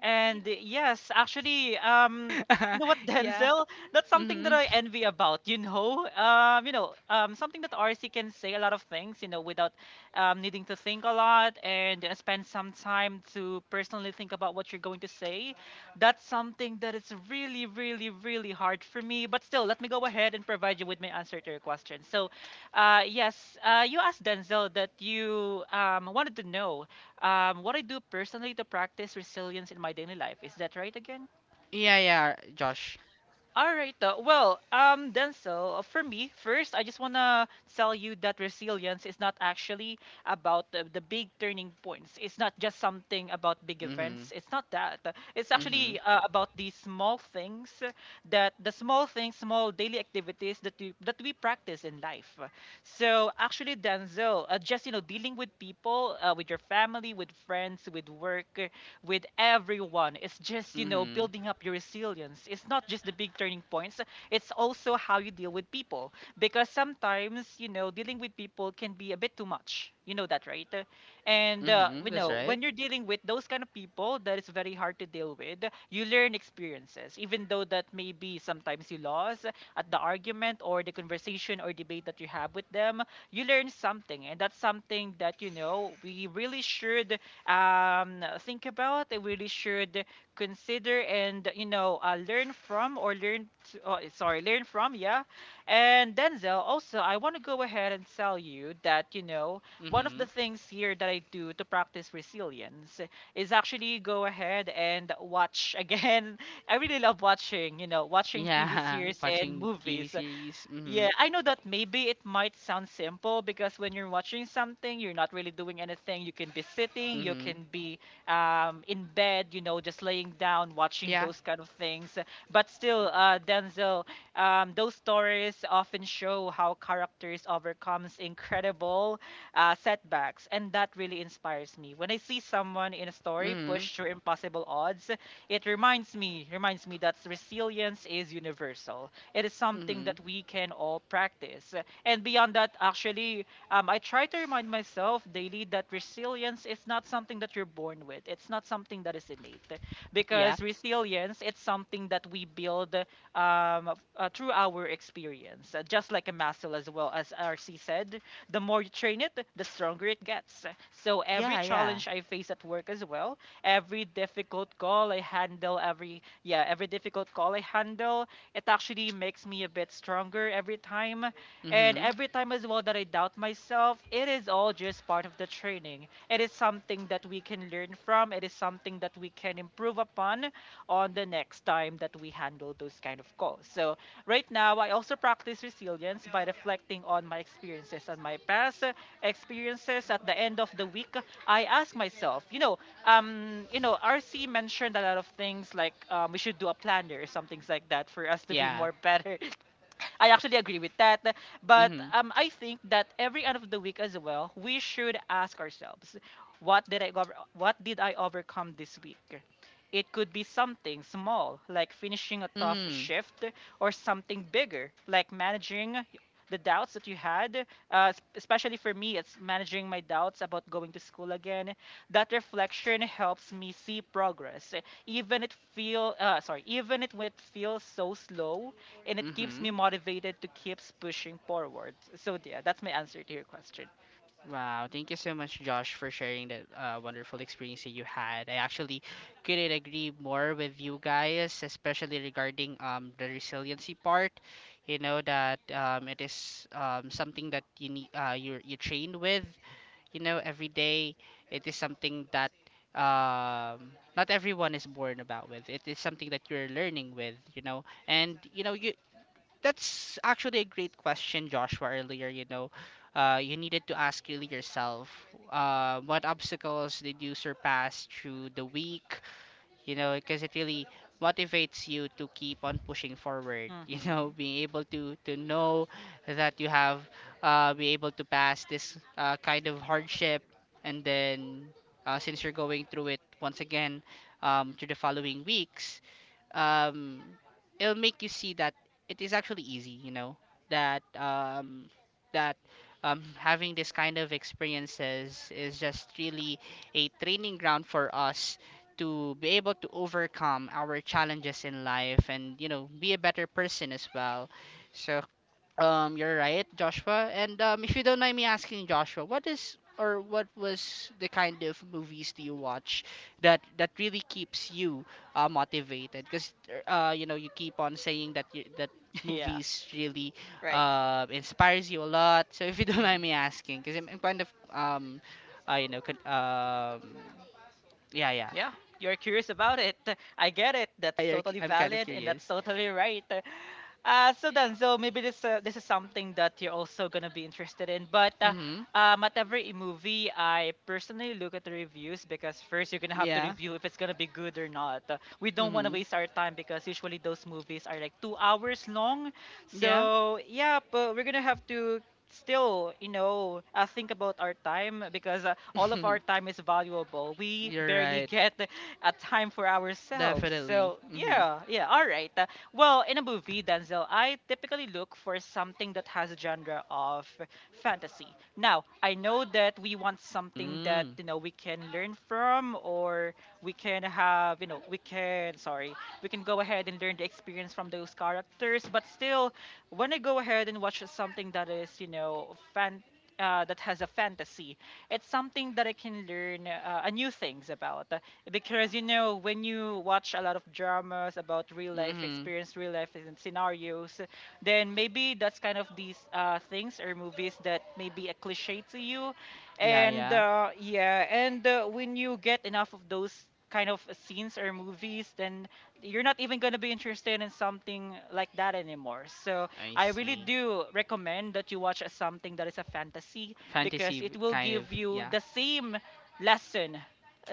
Speaker 2: And yes, actually,
Speaker 1: Yeah.
Speaker 2: Denzel? That's something that
Speaker 1: Mm-hmm.
Speaker 2: I envy about, you know? Something that RC can say a lot of things, you know, without needing to think a lot and spend some time to personally think about what you're going to say. That's something that is really, really, really hard for me. But still, let me go ahead and provide you with my answer to your question. So, yes, you asked Denzel that you wanted to know what I do personally to practice resilience in my daily life. Is that right again?
Speaker 1: Yeah, yeah, Josh.
Speaker 2: All right. Denzel, for me, first, I just want to tell you that resilience is not actually about the big turning points. It's not just something about big
Speaker 1: Mm-hmm.
Speaker 2: events. It's not that. It's
Speaker 1: Mm-hmm.
Speaker 2: actually about the small things that the small things, small daily activities that we practice in life. So actually, Denzel, just you know, dealing with people, with your family, with friends, with work, with everyone, it's just you know,
Speaker 1: Mm-hmm.
Speaker 2: building up your resilience. It's not just the big turning points; it's also how you deal with people. Because sometimes you know, dealing with people can be a bit too much. You know that, right? And
Speaker 1: Mm-hmm.
Speaker 2: you
Speaker 1: That's
Speaker 2: know,
Speaker 1: right.
Speaker 2: when you're dealing with those kind of people, that is very hard to deal with. You learn experiences, even though that maybe sometimes you lost, at the argument or the conversation or debate that you have with them, you learn something. And that's something that, you know, we really should think about, and really should consider and, you know, learn from or learn, t- oh, sorry, learn from, yeah. And Denzel, also, I want to go ahead and tell you that, you know, one of
Speaker 1: Mm-hmm.
Speaker 2: the things here that I do to practice resilience is actually go ahead and watch again. I really love watching, you know, watching TV
Speaker 1: Yeah,
Speaker 2: series and
Speaker 1: watching TV
Speaker 2: movies.
Speaker 1: series.
Speaker 2: Yeah,
Speaker 1: Mhm.
Speaker 2: I know that maybe it might sound simple because when you're watching something, you're not really doing anything. You can be sitting, you
Speaker 1: Mhm.
Speaker 2: can be in bed, you know, just laying down, watching
Speaker 1: Yeah.
Speaker 2: those kind of things. But still, Denzel, those stories often show how characters overcomes incredible setbacks, and that really inspires me. When I see someone in a story
Speaker 1: Mhm.
Speaker 2: push through impossible odds, it reminds me that resilience is universal, it is something
Speaker 1: Mhm.
Speaker 2: that we can all practice. And beyond that, I try to remind myself daily that resilience is not something that you're born with. It's not something that is innate,
Speaker 1: Yeah.
Speaker 2: because resilience it's something that we build through our experience. Just like a muscle, as well as RC said, the more you train it, the stronger it gets. So every
Speaker 1: Yeah, yeah.
Speaker 2: challenge I face at work as well, every difficult call I handle, every yeah, every difficult call I handle, it actually makes me a bit stronger every time and
Speaker 1: Mhm.
Speaker 2: every time as well that I doubt myself, it is all just part of the training. It is something that we can learn from. It is something that we can improve upon on the next time that we handle those kind of calls. So right now, I also practice resilience by reflecting on my experiences and my past experiences. At the end of the week, I ask myself, you know, RC mentioned a lot of things like we should do a planner, some things like that, for us to be
Speaker 1: Yeah.
Speaker 2: more better. I actually agree with that. But
Speaker 1: Mhm.
Speaker 2: I think that every end of the week as well, we should ask ourselves, what did I overcome this week? It could be something small, like finishing a tough
Speaker 1: Mhm.
Speaker 2: shift, or something bigger, like managing the doubts that you had. Especially for me, it's managing my doubts about going to school again. That reflection helps me see progress, even it when it feels so slow and it keeps me
Speaker 1: Mhm.
Speaker 2: motivated to keep pushing forward. So yeah, that's my answer to your question.
Speaker 1: Wow, thank you so much, Josh, for sharing that wonderful experience that you had. I actually couldn't agree more with you guys, especially regarding the resiliency part. You know that it is something that you need you trained with, you know, every day. It is something that not everyone is born about with. It is something that you're learning with, you know. And you know you That's actually a great question, Joshua. Earlier, you know, you needed to ask really yourself, what obstacles did you surpass through the week? You know, because it really motivates you to keep on pushing forward. You know,
Speaker 2: Hmm.
Speaker 1: being able to know that you have be able to pass this kind of hardship, and then since you're going through it once again, to the following weeks, um, it'll make you see that it is actually easy, you know, that that having this kind of experiences is just really a training ground for us to be able to overcome our challenges in life and, be a better person as well. So you're right, Joshua. And if you don't mind me asking, Joshua, what is or what was the kind of movies do you watch that really keeps you motivated? Because you know, you keep on saying that that
Speaker 2: Yeah,
Speaker 1: movies really
Speaker 2: right.
Speaker 1: inspires you a lot. So if you don't mind
Speaker 2: Mhm.
Speaker 1: me asking, because I'm kind of you know, could, yeah, yeah.
Speaker 2: Yeah, you're curious about it. I get it. That's totally
Speaker 1: I'm kind of
Speaker 2: valid and that's
Speaker 1: curious.
Speaker 2: totally right. So maybe this is something that you're also gonna be interested in. But
Speaker 1: Mm-hmm.
Speaker 2: At every movie, I personally look at the reviews because first you're gonna have to
Speaker 1: Yeah.
Speaker 2: review if it's gonna be good or not. We don't want to
Speaker 1: Mm-hmm.
Speaker 2: waste our time because usually those movies are like 2 hours long.
Speaker 1: Yeah.
Speaker 2: So yeah, but we're gonna have to still, you know, think about our time because all of our time is valuable. We
Speaker 1: You're
Speaker 2: barely
Speaker 1: right.
Speaker 2: get a time for ourselves.
Speaker 1: Definitely.
Speaker 2: So,
Speaker 1: Mhm.
Speaker 2: yeah, yeah, all right. In a movie, Denzel, I typically look for something that has a genre of fantasy. Now, I know that we want something that,
Speaker 1: Mm.
Speaker 2: you know, we can learn from or we can have, you know, we can go ahead and learn the experience from those characters, but still, when I go ahead and watch something that is, you know, fan that has a fantasy, it's something that I can learn new things about. Because you know, when you watch a lot of dramas about real life
Speaker 1: Mhm.
Speaker 2: experience, real life and scenarios, then maybe that's kind of these things or movies that may be a cliche to you,
Speaker 1: Yeah,
Speaker 2: and
Speaker 1: yeah.
Speaker 2: when you get enough of those kind of scenes or movies, then you're not even going to be interested in something like that anymore. So
Speaker 1: I
Speaker 2: I really
Speaker 1: see.
Speaker 2: do recommend that you watch something that is a fantasy
Speaker 1: Fantasy
Speaker 2: because it will
Speaker 1: kind of,
Speaker 2: give you
Speaker 1: yeah.
Speaker 2: the same lesson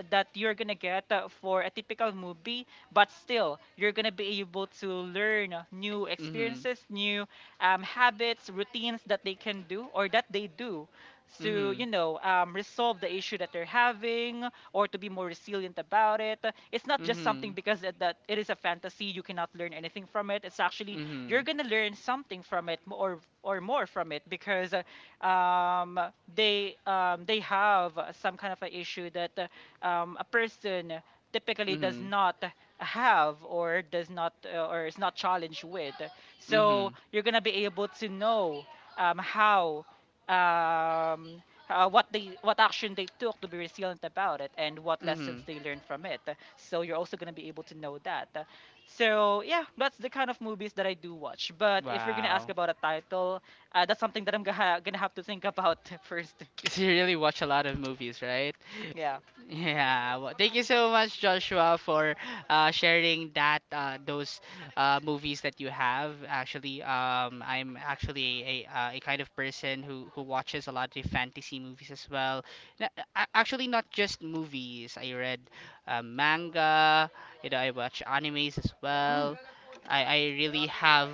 Speaker 2: that you're gonna get for a typical movie, but still you're gonna be able to learn new
Speaker 1: Mhm.
Speaker 2: experiences, new habits, routines that they can do or that they do to
Speaker 1: Mhm.
Speaker 2: you know resolve the issue that they're having or to be more resilient about it. It's not just something
Speaker 1: Mhm.
Speaker 2: because the said that it is a fantasy. You cannot learn anything from it. It's actually you're
Speaker 1: Mhm.
Speaker 2: gonna learn something from it, or more from it, because they have some kind of an issue that a person typically does
Speaker 1: Mhm.
Speaker 2: not have or does not or is not challenged with.
Speaker 1: Mhm.
Speaker 2: So you're gonna be able to know how um, what they what action they took to be resilient about it and what lessons
Speaker 1: Mhm.
Speaker 2: they learned from it, so you're also going to be able to know that. So yeah, that's the kind of movies that I do watch, but if you're going to ask
Speaker 1: Wow.
Speaker 2: about a title, that's something that I'm going to have to think about first.
Speaker 1: So you really watch a lot of movies, right?
Speaker 2: Yeah.
Speaker 1: Yeah, well, thank you so much, Joshua, for sharing that those movies that you have. Actually, I'm actually a kind of person who watches a lot of fantasy movies as well. Na- Actually, not just movies. I read manga. You know, I watch animes as
Speaker 2: Mm,
Speaker 1: well. I really have,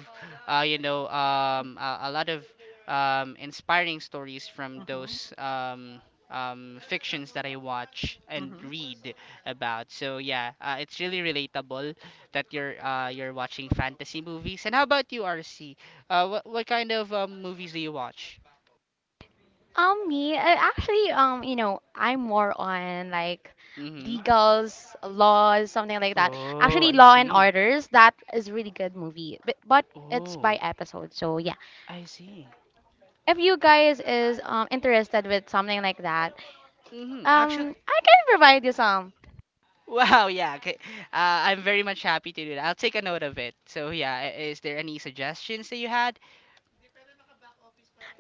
Speaker 1: uh, you know, um, a, a lot of inspiring stories from
Speaker 2: mm-hmm,
Speaker 1: those. Fictions that I watch and
Speaker 2: mm-hmm.
Speaker 1: read about. So yeah, it's really relatable that you're watching fantasy movies. And how about you, RC? What kind of movies do you watch?
Speaker 3: Me, actually, you know, I'm more on like
Speaker 1: Mm-hmm.
Speaker 3: legals, laws, something like that.
Speaker 1: Oh,
Speaker 3: Actually,
Speaker 1: I
Speaker 3: Law and
Speaker 1: see.
Speaker 3: Orders, that is really good movie, but it's by
Speaker 1: Oh,
Speaker 3: episode, so yeah.
Speaker 1: I see.
Speaker 3: If you guys is interested with something like that,
Speaker 1: Mm-hmm. Actually,
Speaker 3: I can provide you some.
Speaker 1: wow, yeah. Okay. I'm very much happy to do that. I'll take a note of it. So yeah, is there any suggestions that you had?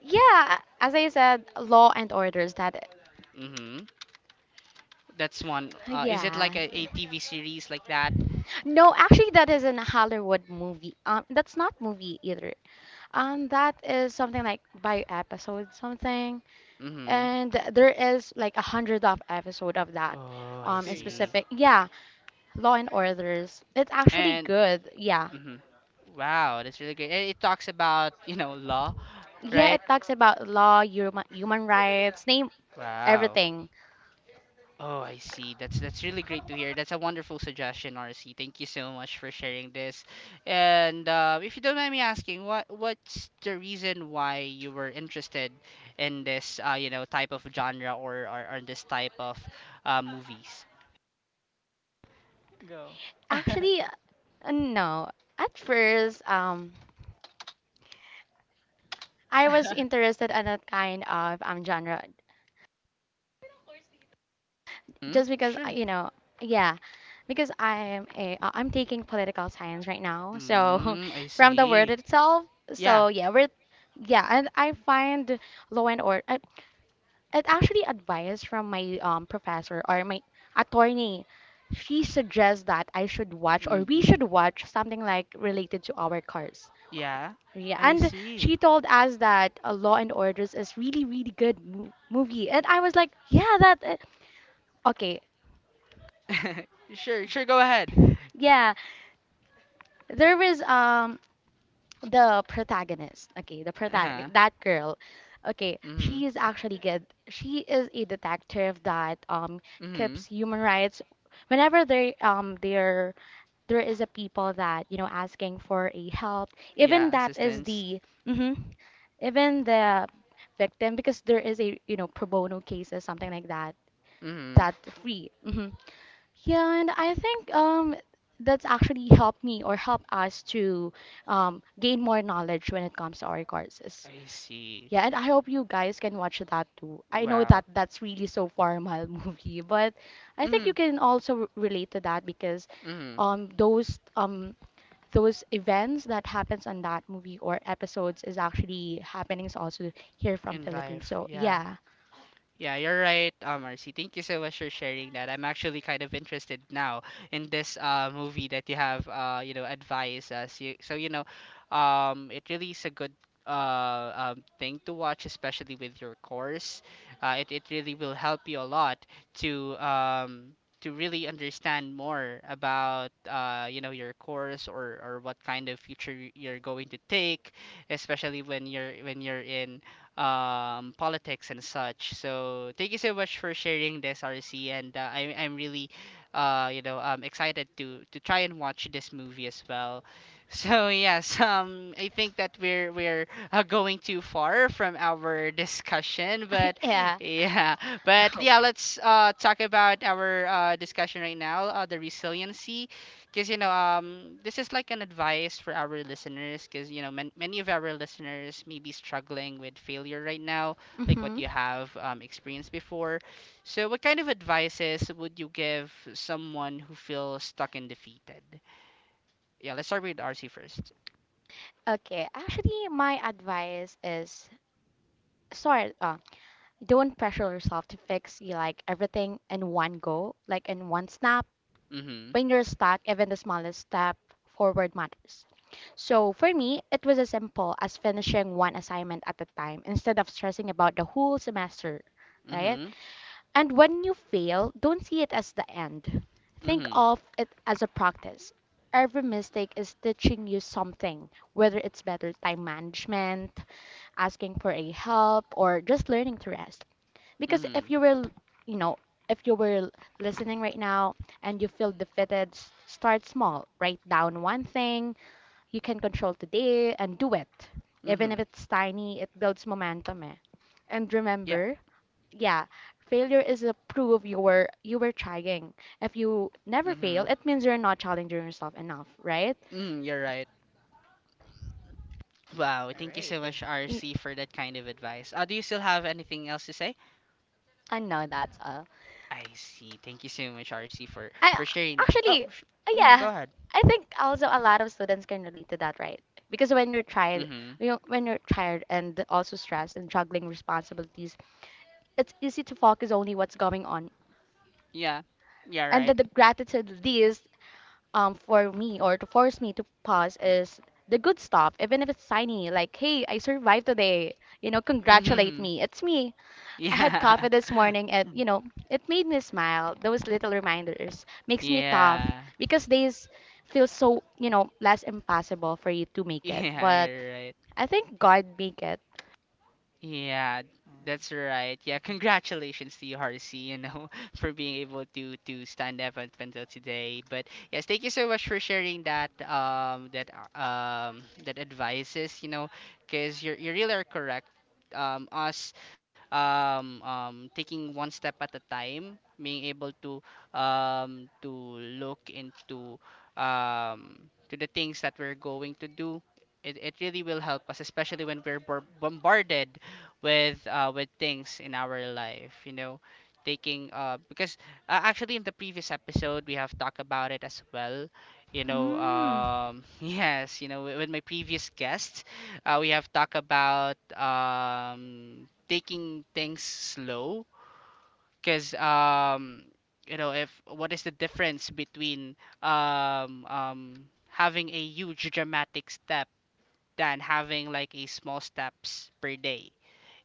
Speaker 3: Yeah, as I said, Law and Orders. That
Speaker 1: Mm-hmm. That's one. Is it
Speaker 3: yeah.
Speaker 1: like TV series like that?
Speaker 3: No, actually, that is an Hollywood movie. That's not movie either. That is something like by episode something,
Speaker 1: Mm-hmm.
Speaker 3: and there is like 100 of episode of that.
Speaker 1: Oh, I
Speaker 3: In
Speaker 2: Serious.
Speaker 1: see.
Speaker 3: specific, yeah, Law and Orders. It's actually
Speaker 1: And
Speaker 3: good. Yeah.
Speaker 1: hmm wow, that's really great. And it talks about, you know, law,
Speaker 3: Yeah,
Speaker 1: right?
Speaker 3: it talks about law, human rights, name
Speaker 1: Wow.
Speaker 3: everything.
Speaker 1: Oh, I see. That's really great to hear. That's a wonderful suggestion, RC. Thank you so much for sharing this. And if you don't mind me asking, what's the reason why you were interested in this, you know, type of genre or this type of movies?
Speaker 2: Go. oh,
Speaker 3: Actually, no. At first, I was interested in that kind of genre,
Speaker 1: Hmm.
Speaker 3: just because
Speaker 1: Sure.
Speaker 3: you know, yeah, because I'm taking political science right now, so
Speaker 1: Mm, I
Speaker 3: from the word
Speaker 1: see.
Speaker 3: itself,
Speaker 1: Yeah.
Speaker 3: so yeah, we're yeah, and I find law and order. It actually advice from my professor or my attorney. She suggests that I should watch or we
Speaker 1: Mm-hmm.
Speaker 3: should watch something like related to our cars.
Speaker 1: Yeah.
Speaker 3: Yeah,
Speaker 1: I
Speaker 3: and
Speaker 1: see.
Speaker 3: she told us that Law and Orders is really really good movie, and I was like, yeah, that okay.
Speaker 1: sure, sure, go ahead.
Speaker 3: Yeah, there was the protagonist. Okay, the
Speaker 1: Uh-huh.
Speaker 3: protagonist, that girl, okay,
Speaker 1: Mm-hmm.
Speaker 3: she is actually good, she is a detective that
Speaker 1: Mm-hmm.
Speaker 3: keeps human rights whenever they there is a people that you know asking for a help even
Speaker 1: Yeah,
Speaker 3: that is
Speaker 1: assistance.
Speaker 3: the hmm even the victim, because there is a you know pro bono cases something like that,
Speaker 1: Mm-hmm.
Speaker 3: that free. Yeah, and I think that's actually helped me or helped us to gain more knowledge when it comes to our courses.
Speaker 1: I see.
Speaker 3: Yeah, and I hope you guys can watch that too. I know
Speaker 1: Wow.
Speaker 3: that that's really so formal movie, but I think you
Speaker 1: Mm-hmm.
Speaker 3: can also relate to that because
Speaker 1: Mm-hmm.
Speaker 3: um those um those events that happens on that movie or episodes is actually happenings also here from
Speaker 1: In
Speaker 3: Philippines.
Speaker 1: life,
Speaker 3: So
Speaker 1: yeah.
Speaker 3: yeah.
Speaker 1: Yeah, you're right, Marcy. Thank you so much for sharing that. I'm actually kind of interested now in this movie that you have, you know, advised us. You know, it really is a good thing to watch, especially with your course. It really will help you a lot to um, to really understand more about, you know, your course or, what kind of future you're going to take, especially when you're in politics and such. So thank you so much for sharing this, RC, and I'm really, you know, excited to try and watch this movie as well. So yes, I think that we're going too far from our discussion, but
Speaker 3: Yeah.
Speaker 1: yeah, yeah, let's talk about our discussion right now, the resiliency because you know this is like an advice for our listeners because you know many of our listeners may be struggling with failure right now like what
Speaker 3: Mm-hmm.
Speaker 1: you have experienced before, so what kind of advices would you give someone who feels stuck and defeated? Yeah, let's start with RC first.
Speaker 3: Okay, actually, my advice is, sorry, don't pressure yourself to fix you like everything in one go, like in one snap.
Speaker 1: Mm-hmm.
Speaker 3: When you're stuck, even the smallest step forward matters. So for me, it was as simple as finishing one assignment at a time instead of stressing about the whole semester, right?
Speaker 1: Mm-hmm.
Speaker 3: And when you fail, don't see it as the end. Think
Speaker 1: Mm-hmm.
Speaker 3: of it as a practice. Every mistake is teaching you something, whether it's better time management, asking for a help, or just learning to rest, because if
Speaker 1: Mm-hmm.
Speaker 3: you were you know if you were listening right now and you feel defeated, start small, write down one thing you can control today and do it. Even if
Speaker 1: Mm-hmm.
Speaker 3: it's tiny, it builds momentum, eh. And
Speaker 1: Yeah.
Speaker 3: remember, yeah, failure is a proof you were trying. If you never fail,
Speaker 1: Mm-hmm.
Speaker 3: it means you're not challenging yourself enough, right?
Speaker 1: Mm, you're right. Wow,
Speaker 2: all
Speaker 1: thank you
Speaker 2: right.
Speaker 1: so much,
Speaker 3: Y-
Speaker 1: RC, for that kind of advice. Uh, do you still have anything else to say?
Speaker 3: I know that's all.
Speaker 1: I see. Thank you so much, RC,
Speaker 3: I
Speaker 1: for sharing that. Oh,
Speaker 3: Actually,
Speaker 1: sh- hmm go
Speaker 3: yeah,
Speaker 1: ahead.
Speaker 3: I think also a lot of students can relate to that, right? Because when you're tired,
Speaker 1: Mm-hmm.
Speaker 3: you know, when you're tired and also stressed and juggling responsibilities, it's easy to focus only what's going on.
Speaker 1: Yeah. Yeah.
Speaker 3: And then
Speaker 1: Right.
Speaker 3: the gratitude list, for me, or to force me to pause, is the good stuff, even if it's tiny, like, hey, I survived today. You know, congratulate
Speaker 1: Mm-hmm.
Speaker 3: me, it's me. I had
Speaker 1: Yeah.
Speaker 3: coffee this morning and, you know, it made me smile. Those little reminders makes me tough,
Speaker 1: yeah.
Speaker 3: because days feel so, you know, less impossible for you to make it.
Speaker 1: Yeah.
Speaker 3: But
Speaker 1: You're right.
Speaker 3: I think God make it.
Speaker 1: Yeah, that's
Speaker 2: Hmm.
Speaker 1: right. Yeah,
Speaker 2: Mm.
Speaker 1: congratulations to you, Harsey, you know, for being able to stand up until today. But yes, thank you so much for sharing that that advices, you know, because you really are correct. Us taking one step at a time, being able to look into um to the things that we're going to do. It really will help us, especially when we're bombarded with things in our life, you know, taking because actually in the previous episode we have talked about it as well, you know
Speaker 3: Mm.
Speaker 1: yes you know with my previous guest, we have talked about taking things slow because you know if what is the difference between um um having a huge dramatic step than having like a small steps per day,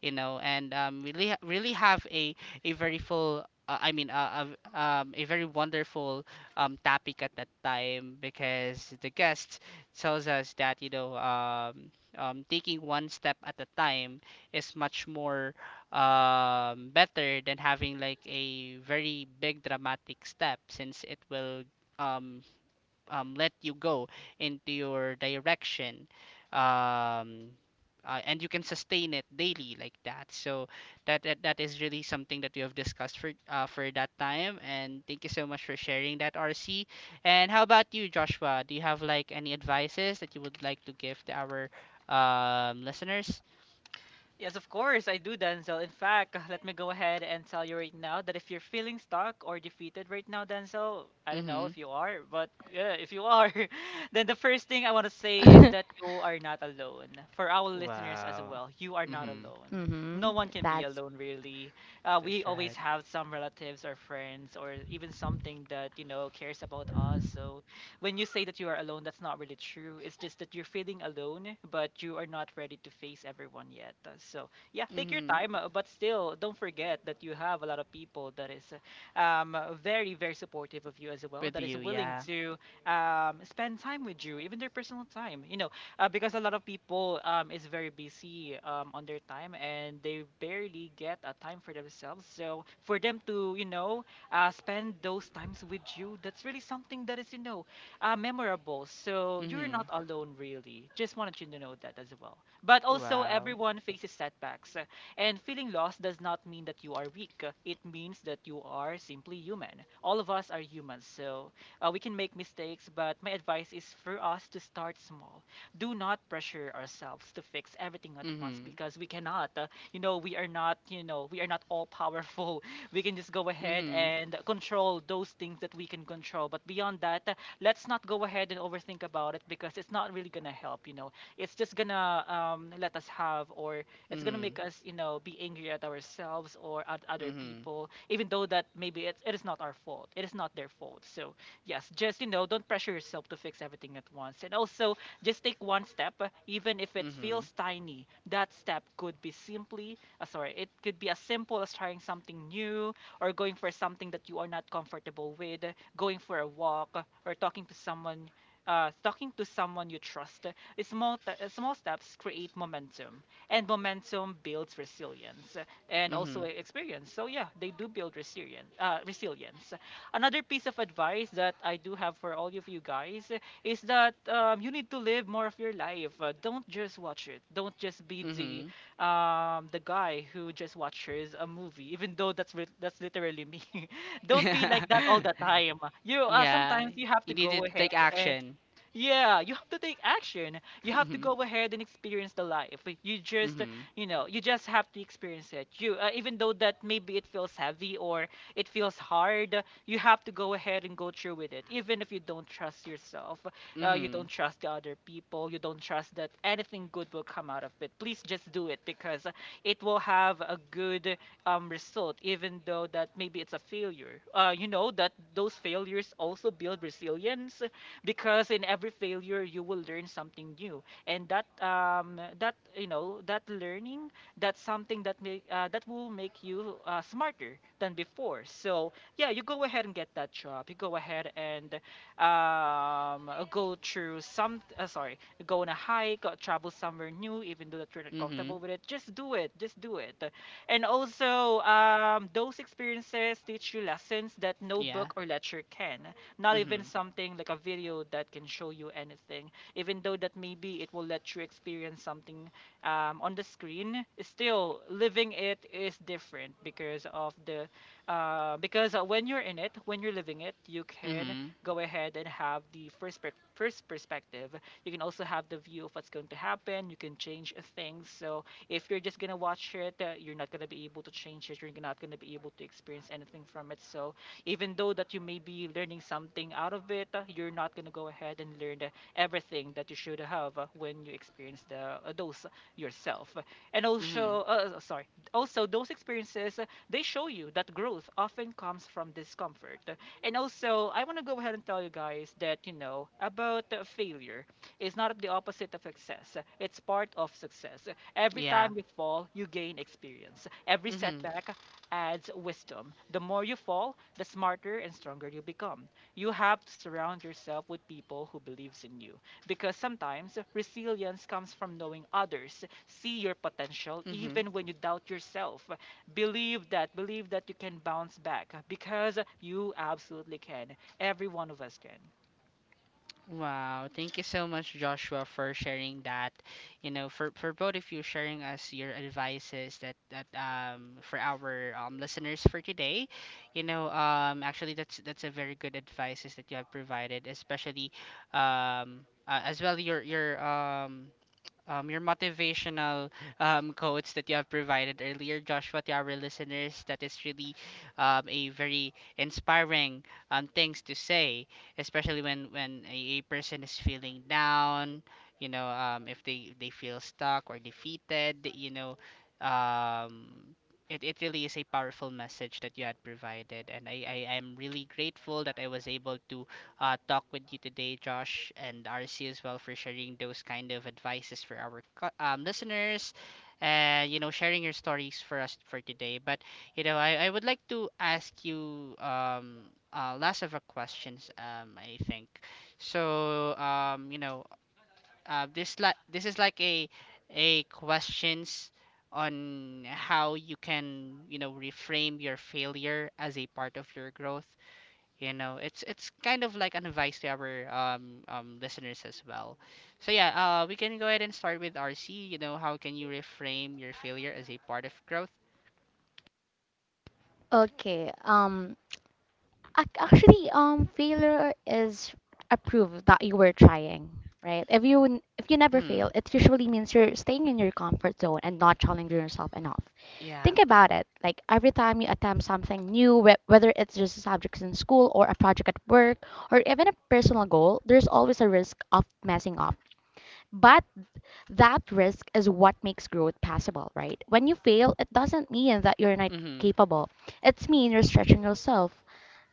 Speaker 1: you know, and really have a very full a very wonderful topic at that time because the guest tells us that you know taking one step at a time is much more better than having like a very big dramatic step since it will um, let you go into your direction, um, and you can sustain it daily like that. So that is really something that we have discussed for that time, and thank you so much for sharing that, RC. And how about you, Joshua? Do you have like any advices that you would like to give to our listeners?
Speaker 2: Yes, of course, I do, Denzel. In fact, let me go ahead and tell you right now that if you're feeling stuck or defeated right now, Denzel, I don't know if
Speaker 1: Mm-hmm.
Speaker 2: you are, but yeah, if you are, then the first thing I want to say is that you are not alone. For our listeners as
Speaker 1: Wow.
Speaker 2: well, you are not
Speaker 1: Mm-hmm.
Speaker 2: alone. No
Speaker 3: Mhm.
Speaker 2: one can be
Speaker 3: That's
Speaker 2: alone, really. We
Speaker 1: That's
Speaker 2: always
Speaker 1: right.
Speaker 2: have some relatives or friends or even something that, you know, cares about us. So when you say that you are alone, that's not really true. It's just that you're feeling alone, but you are not ready to face everyone yet. So yeah, take your
Speaker 1: Mm-hmm.
Speaker 2: time, but still, don't forget that you have a lot of people that is very, very supportive of you as well.
Speaker 1: With
Speaker 2: That is
Speaker 1: you,
Speaker 2: willing
Speaker 1: yeah.
Speaker 2: to spend time with you, even their personal time. You know, because a lot of people is very busy on their time and they barely get a time for themselves. So for them to, you know, spend those times with you, that's really something that is, you know, memorable. So you're
Speaker 1: Mm-hmm.
Speaker 2: not alone, really. Just wanted you to know that as well. But also,
Speaker 1: Wow.
Speaker 2: everyone faces setbacks, and feeling lost does not mean that you are weak. It means that you are simply human. All of us are humans, so we can make mistakes. But my advice is for us to start small. Do not pressure ourselves to fix everything at once
Speaker 1: Mm-hmm.
Speaker 2: because we cannot. We are not. We are not all powerful. We can just go ahead
Speaker 1: Mm-hmm.
Speaker 2: and control those things that we can control. But beyond that, let's not go ahead and overthink about it because it's not really gonna help. It's just gonna let us have, or it's gonna make
Speaker 1: Mhm.
Speaker 2: us, be angry at ourselves or at other
Speaker 1: Mhm.
Speaker 2: people, even though that maybe it is not our fault, it is not their fault. So yes, just, don't pressure yourself to fix everything at once, and also just take one step, even if it
Speaker 1: Mhm.
Speaker 2: feels tiny. That step could be simply sorry it could be as simple as trying something new, or going for something that you are not comfortable with, going for a walk, or talking to someone, talking to someone you trust. Small steps create momentum, and momentum builds resilience, and also
Speaker 1: Mhm.
Speaker 2: experience. So yeah, they do build resilience. Resilience. Another piece of advice that I do have for all of you guys is that you need to live more of your life. Don't just watch it. Don't just be
Speaker 1: Mhm.
Speaker 2: the guy who just watches a movie, even though that's literally me. Don't be like that all the time. You,
Speaker 1: Yeah.
Speaker 2: sometimes you have
Speaker 1: You
Speaker 2: to
Speaker 1: need to
Speaker 2: go
Speaker 1: take
Speaker 2: ahead and,
Speaker 1: action.
Speaker 2: yeah, you have to take action. You have to
Speaker 1: Mhm.
Speaker 2: go ahead and experience the life. You just,
Speaker 1: Mhm.
Speaker 2: you just have to experience it. Even though that maybe it feels heavy or it feels hard, you have to go ahead and go through with it. Even if you don't trust yourself, you
Speaker 1: Mhm.
Speaker 2: don't trust the other people, you don't trust that anything good will come out of it, please just do it, because it will have a good result, even though that maybe it's a failure. You know that those failures also build resilience, because in every failure you will learn something new, and that that, that learning, that's something that make that will make you smarter than before. So yeah, you go ahead and get that job, you go ahead and go through some sorry go on a hike, travel somewhere new, even though that you're not
Speaker 1: Mhm.
Speaker 2: comfortable with it, just do it, just do it. And also, those experiences teach you lessons that no
Speaker 1: Yeah.
Speaker 2: book or lecture can, not even
Speaker 1: Mhm.
Speaker 2: something like a video that can show you anything, even though that maybe it will let you experience something on the screen. Still, living it is different, because of the because when you're in it, when you're living it, you can
Speaker 1: Mhm.
Speaker 2: go ahead and have the first perspective. You can also have the view of what's going to happen. You can change things. So if you're just gonna watch it, you're not gonna be able to change it, you're not gonna be able to experience anything from it. So even though that you may be learning something out of it, you're not going to go ahead and learn everything that you should have when you experience the those yourself. And
Speaker 1: Mhm.
Speaker 2: also sorry also those experiences, they show you that growth often comes from discomfort. And also I want to go ahead and tell you guys that, you know, about failure is not the opposite of success, it's part of success. Every
Speaker 1: Yeah.
Speaker 2: time you fall, you gain experience. Every
Speaker 1: Mhm.
Speaker 2: setback adds wisdom. The more you fall, the smarter and stronger you become. You have to surround yourself with people who believes in you, because sometimes resilience comes from knowing others see your potential
Speaker 1: Mhm.
Speaker 2: even when you doubt yourself. Believe that you can bounce back, because you absolutely can. Every one of us can.
Speaker 1: Wow, thank you so much, Joshua, for sharing that. You know, for both of you sharing us your advices that for our listeners for today. You know, actually that's a very good advices that you have provided, especially as well your your motivational quotes that you have provided earlier, Joshua, to our listeners. That is really a very inspiring things to say, especially when a person is feeling down. You know, if they feel stuck or defeated, you know. Um, it really is a powerful message that you had provided, and I am really grateful that I was able to talk with you today, Josh and RC as well, for sharing those kind of advices for our listeners, and you know sharing your stories for us for today. But you know, I would like to ask you last of a questions I think. So you know this is like a questions on how you can you know reframe your failure as a part of your growth. You know, it's kind of like an advice to our listeners as well, so yeah, we can go ahead and start with RC. You know, how can you reframe your failure as a part of growth?
Speaker 3: okay. Actually, failure is a proof that you were trying, right? If you never fail,
Speaker 1: Mm-hmm.
Speaker 3: it usually means you're staying in your comfort zone and not challenging yourself enough.
Speaker 1: Yeah.
Speaker 3: Think about it. Like every time you attempt something new, whether it's just a subject in school or a project at work or even a personal goal, there's always a risk of messing up. But that risk is what makes growth possible, right? When you fail, it doesn't mean that you're not
Speaker 1: Mm-hmm.
Speaker 3: capable. It's mean you're stretching yourself,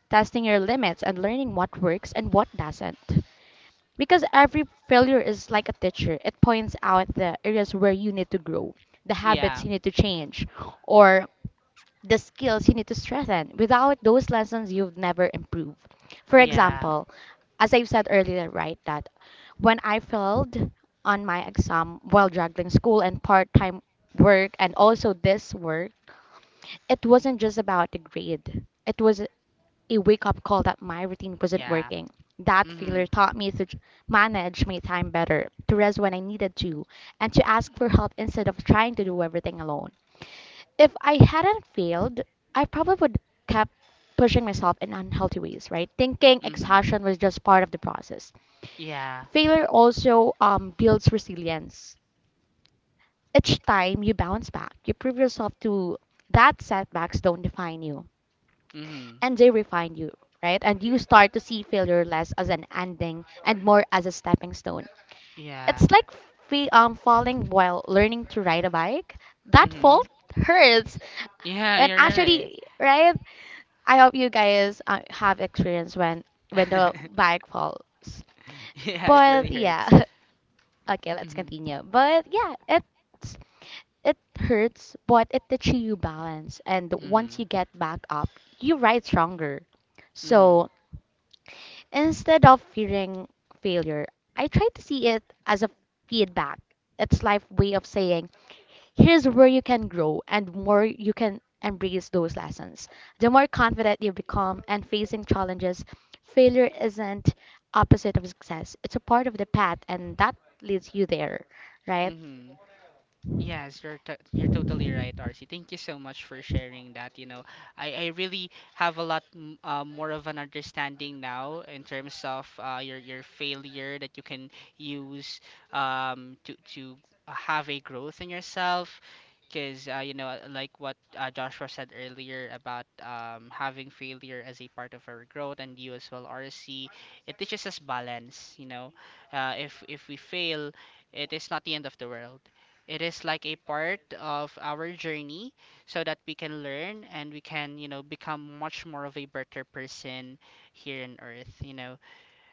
Speaker 3: testing your limits and learning what works and what doesn't. Because every failure is like a teacher, it points out the areas where you need to grow, the habits
Speaker 1: Yeah.
Speaker 3: you need to change, or the skills you need to strengthen. Without those lessons, you've never improved. For
Speaker 1: Yeah.
Speaker 3: example, as I've said earlier, right, that when I failed on my exam while juggling school and part time work and also this work, it wasn't just about the grade. It was a wake up call that my routine wasn't
Speaker 1: Yeah.
Speaker 3: working. That
Speaker 1: Hmm.
Speaker 3: failure taught me to manage my time better, to rest when I needed to, and to ask for help instead of trying to do everything alone. If I hadn't failed, I probably would kept pushing myself in unhealthy ways, right? Thinking
Speaker 1: Hmm.
Speaker 3: exhaustion was just part of the process.
Speaker 1: Yeah.
Speaker 3: Failure also builds resilience. Each time you bounce back, you prove yourself to that setbacks don't define you,
Speaker 1: Hmm.
Speaker 3: and they refine you, right? And you start to see failure less as an ending and more as a stepping stone.
Speaker 1: Yeah.
Speaker 3: It's like falling while learning to ride a bike. That fall
Speaker 1: Hmm.
Speaker 3: hurts,
Speaker 1: Yeah,
Speaker 3: and
Speaker 1: you're right.
Speaker 3: actually, right? I hope you guys have experience when the bike falls.
Speaker 1: Yeah, it really
Speaker 3: But
Speaker 1: hurts.
Speaker 3: yeah, okay, let's
Speaker 1: Mm-hmm.
Speaker 3: continue. But yeah, it hurts, but it teaches you balance, and once
Speaker 1: Mm-hmm.
Speaker 3: you get back up, you ride stronger.
Speaker 1: Hmm.
Speaker 3: So instead of fearing failure, I try to see it as a feedback. It's life way of saying, here's where you can grow, and more you can embrace those lessons. The more confident you become and facing challenges, failure isn't opposite of success. It's a part of the path and that leads you there, right?
Speaker 1: Hmm. Yes, you're totally right, RC. Thank you so much for sharing that. You know, I really have a lot m more of an understanding now in terms of your failure that you can use to have a growth in yourself. Because you know, like what Joshua said earlier about having failure as a part of our growth, and you as well, RC, it teaches us balance. You know, if we fail, it is not the end of the world, it is like a part of our journey so that we can learn and we can, you know, become much more of a better person here on earth, you know.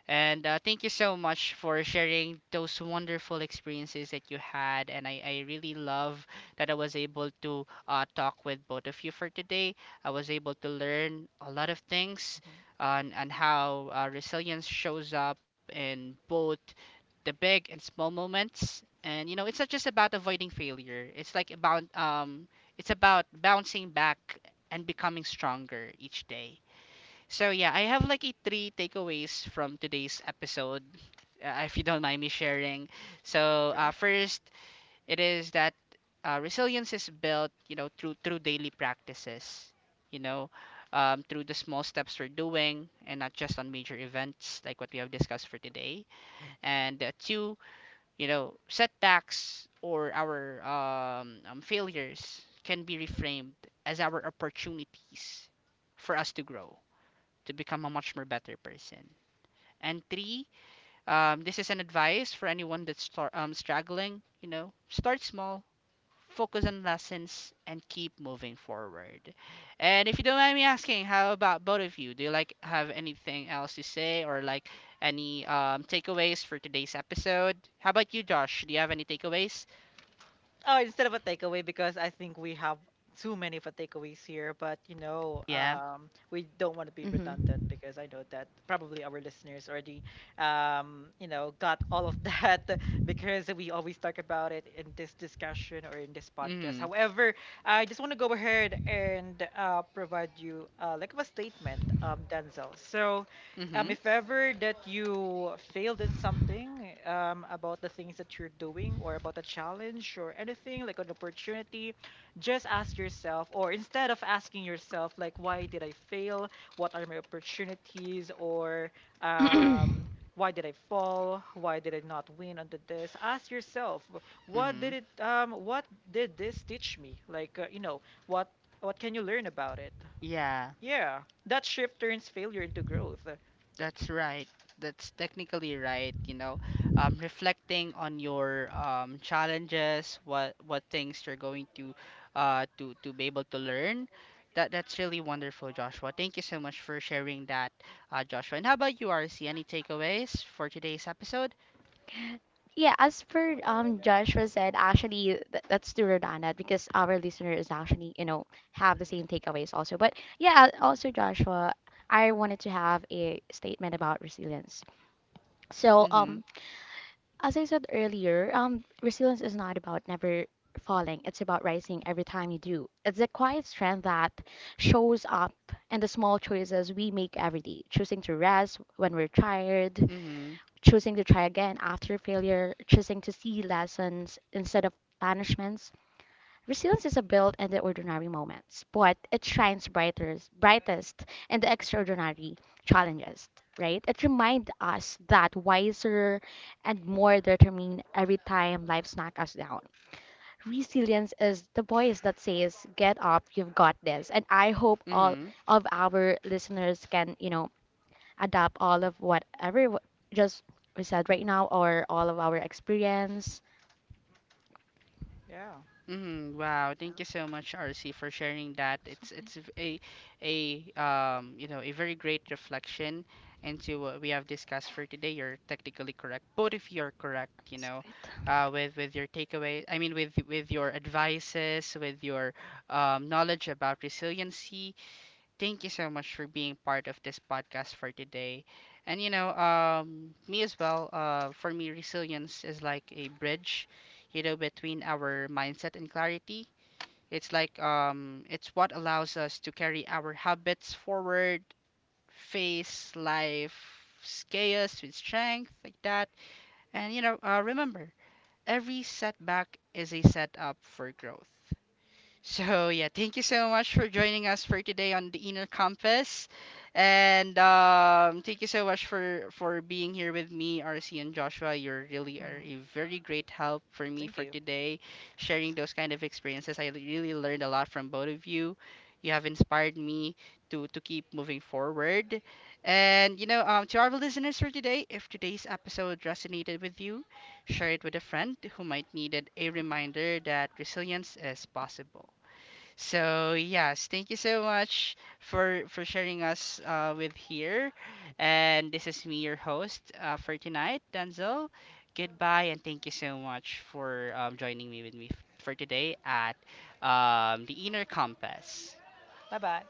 Speaker 1: And thank you so much for sharing those wonderful experiences that you had. And I really love that I was able to talk with both of you for today. I was able to learn a lot of things on how resilience shows up in both the big and small moments. And you know, it's not just about avoiding failure. It's like about it's about bouncing back and becoming stronger each day. So yeah, I have like a three takeaways from today's episode, if you don't mind me sharing. So first, it is that resilience is built, you know, through daily practices. You know, through the small steps we're doing, and not just on major events like what we have discussed for today. And two, you know, setbacks or our failures can be reframed as our opportunities for us to grow, to become a much more better person. And three, this is an advice for anyone that's struggling. You know, start small, focus on lessons, and keep moving forward. And if you don't mind me asking, how about both of you? Do you like have anything else to say or like any takeaways for today's episode? How about you, Josh? Do you have any takeaways?
Speaker 2: Oh, instead of a takeaway, because I think we have too many for takeaways here. But you know,
Speaker 1: Yeah.
Speaker 2: we don't want to be redundant,
Speaker 3: Mm-hmm.
Speaker 2: because I know that probably our listeners already, you know, got all of that because we always talk about it in this discussion or in this podcast.
Speaker 1: Mhm.
Speaker 2: However, I just want to go ahead and provide you like a statement, Denzel. So
Speaker 1: Mhm.
Speaker 2: if ever that you failed in something, about the things that you're doing, or about a challenge, or anything like an opportunity, just ask yourself, or instead of asking yourself, like, why did I fail? What are my opportunities? Or um, why did I fall? Why did I not win under this? Ask yourself, what did
Speaker 1: Mhm.
Speaker 2: it, what did this teach me? Like, you know, what can you learn about it?
Speaker 1: Yeah.
Speaker 2: Yeah, that shift turns failure into growth.
Speaker 1: That's right. That's technically right, you know. Reflecting on your challenges, what things you're going to to be able to learn. That that's really wonderful, Joshua. Thank you so much for sharing that, Joshua. And how about you, RC? Any takeaways for today's episode?
Speaker 3: Yeah, as per Joshua said, actually th that's true, Rodana, because our listener is actually, you know, have the same takeaways also. But yeah, also Joshua, I wanted to have a statement about resilience. So,
Speaker 1: Mm-hmm.
Speaker 3: as I said earlier, resilience is not about never falling. It's about rising every time you do. It's a quiet strength that shows up in the small choices we make every day: choosing to rest when we're tired,
Speaker 1: Mm-hmm.
Speaker 3: choosing to try again after failure, choosing to see lessons instead of punishments. Resilience is a built in the ordinary moments, but it shines brightest, brightest in the extraordinary challenges, right? It reminds us that wiser and more determined every time life knocks us down. Resilience is the voice that says, "Get up, you've got this." And I hope all
Speaker 1: Mm-hmm.
Speaker 3: of our listeners can, you know, adapt all of whatever just we said right now, or all of our experience.
Speaker 2: Yeah.
Speaker 1: Mm, wow, thank you so much, RC, for sharing that. It's a you know a very great reflection into what we have discussed for today. You're technically correct. Both of you are correct, you know, with your takeaway. I mean, with your advices, with your knowledge about resiliency. Thank you so much for being part of this podcast for today. And you know, me as well, for me, resilience is like a bridge, you know, between our mindset and clarity. It's like it's what allows us to carry our habits forward, face life's chaos with strength, like that. And you know, remember, every setback is a setup for growth. So, yeah, thank you so much for joining us for today on the Inner Compass. And thank you so much for being here with me, RC and Joshua. You really are
Speaker 2: Mhm.
Speaker 1: a very great help for me
Speaker 2: Thank
Speaker 1: for
Speaker 2: you.
Speaker 1: today, sharing those kind of experiences. I really learned a lot from both of you. You have inspired me to keep moving forward. And you know, to our listeners for today, if today's episode resonated with you, share it with a friend who might need a reminder that resilience is possible. So yes, thank you so much for sharing us with here. And this is me, your host for tonight, Denzel. Goodbye, and thank you so much for joining me with me for today at the Inner Compass.
Speaker 2: Bye bye.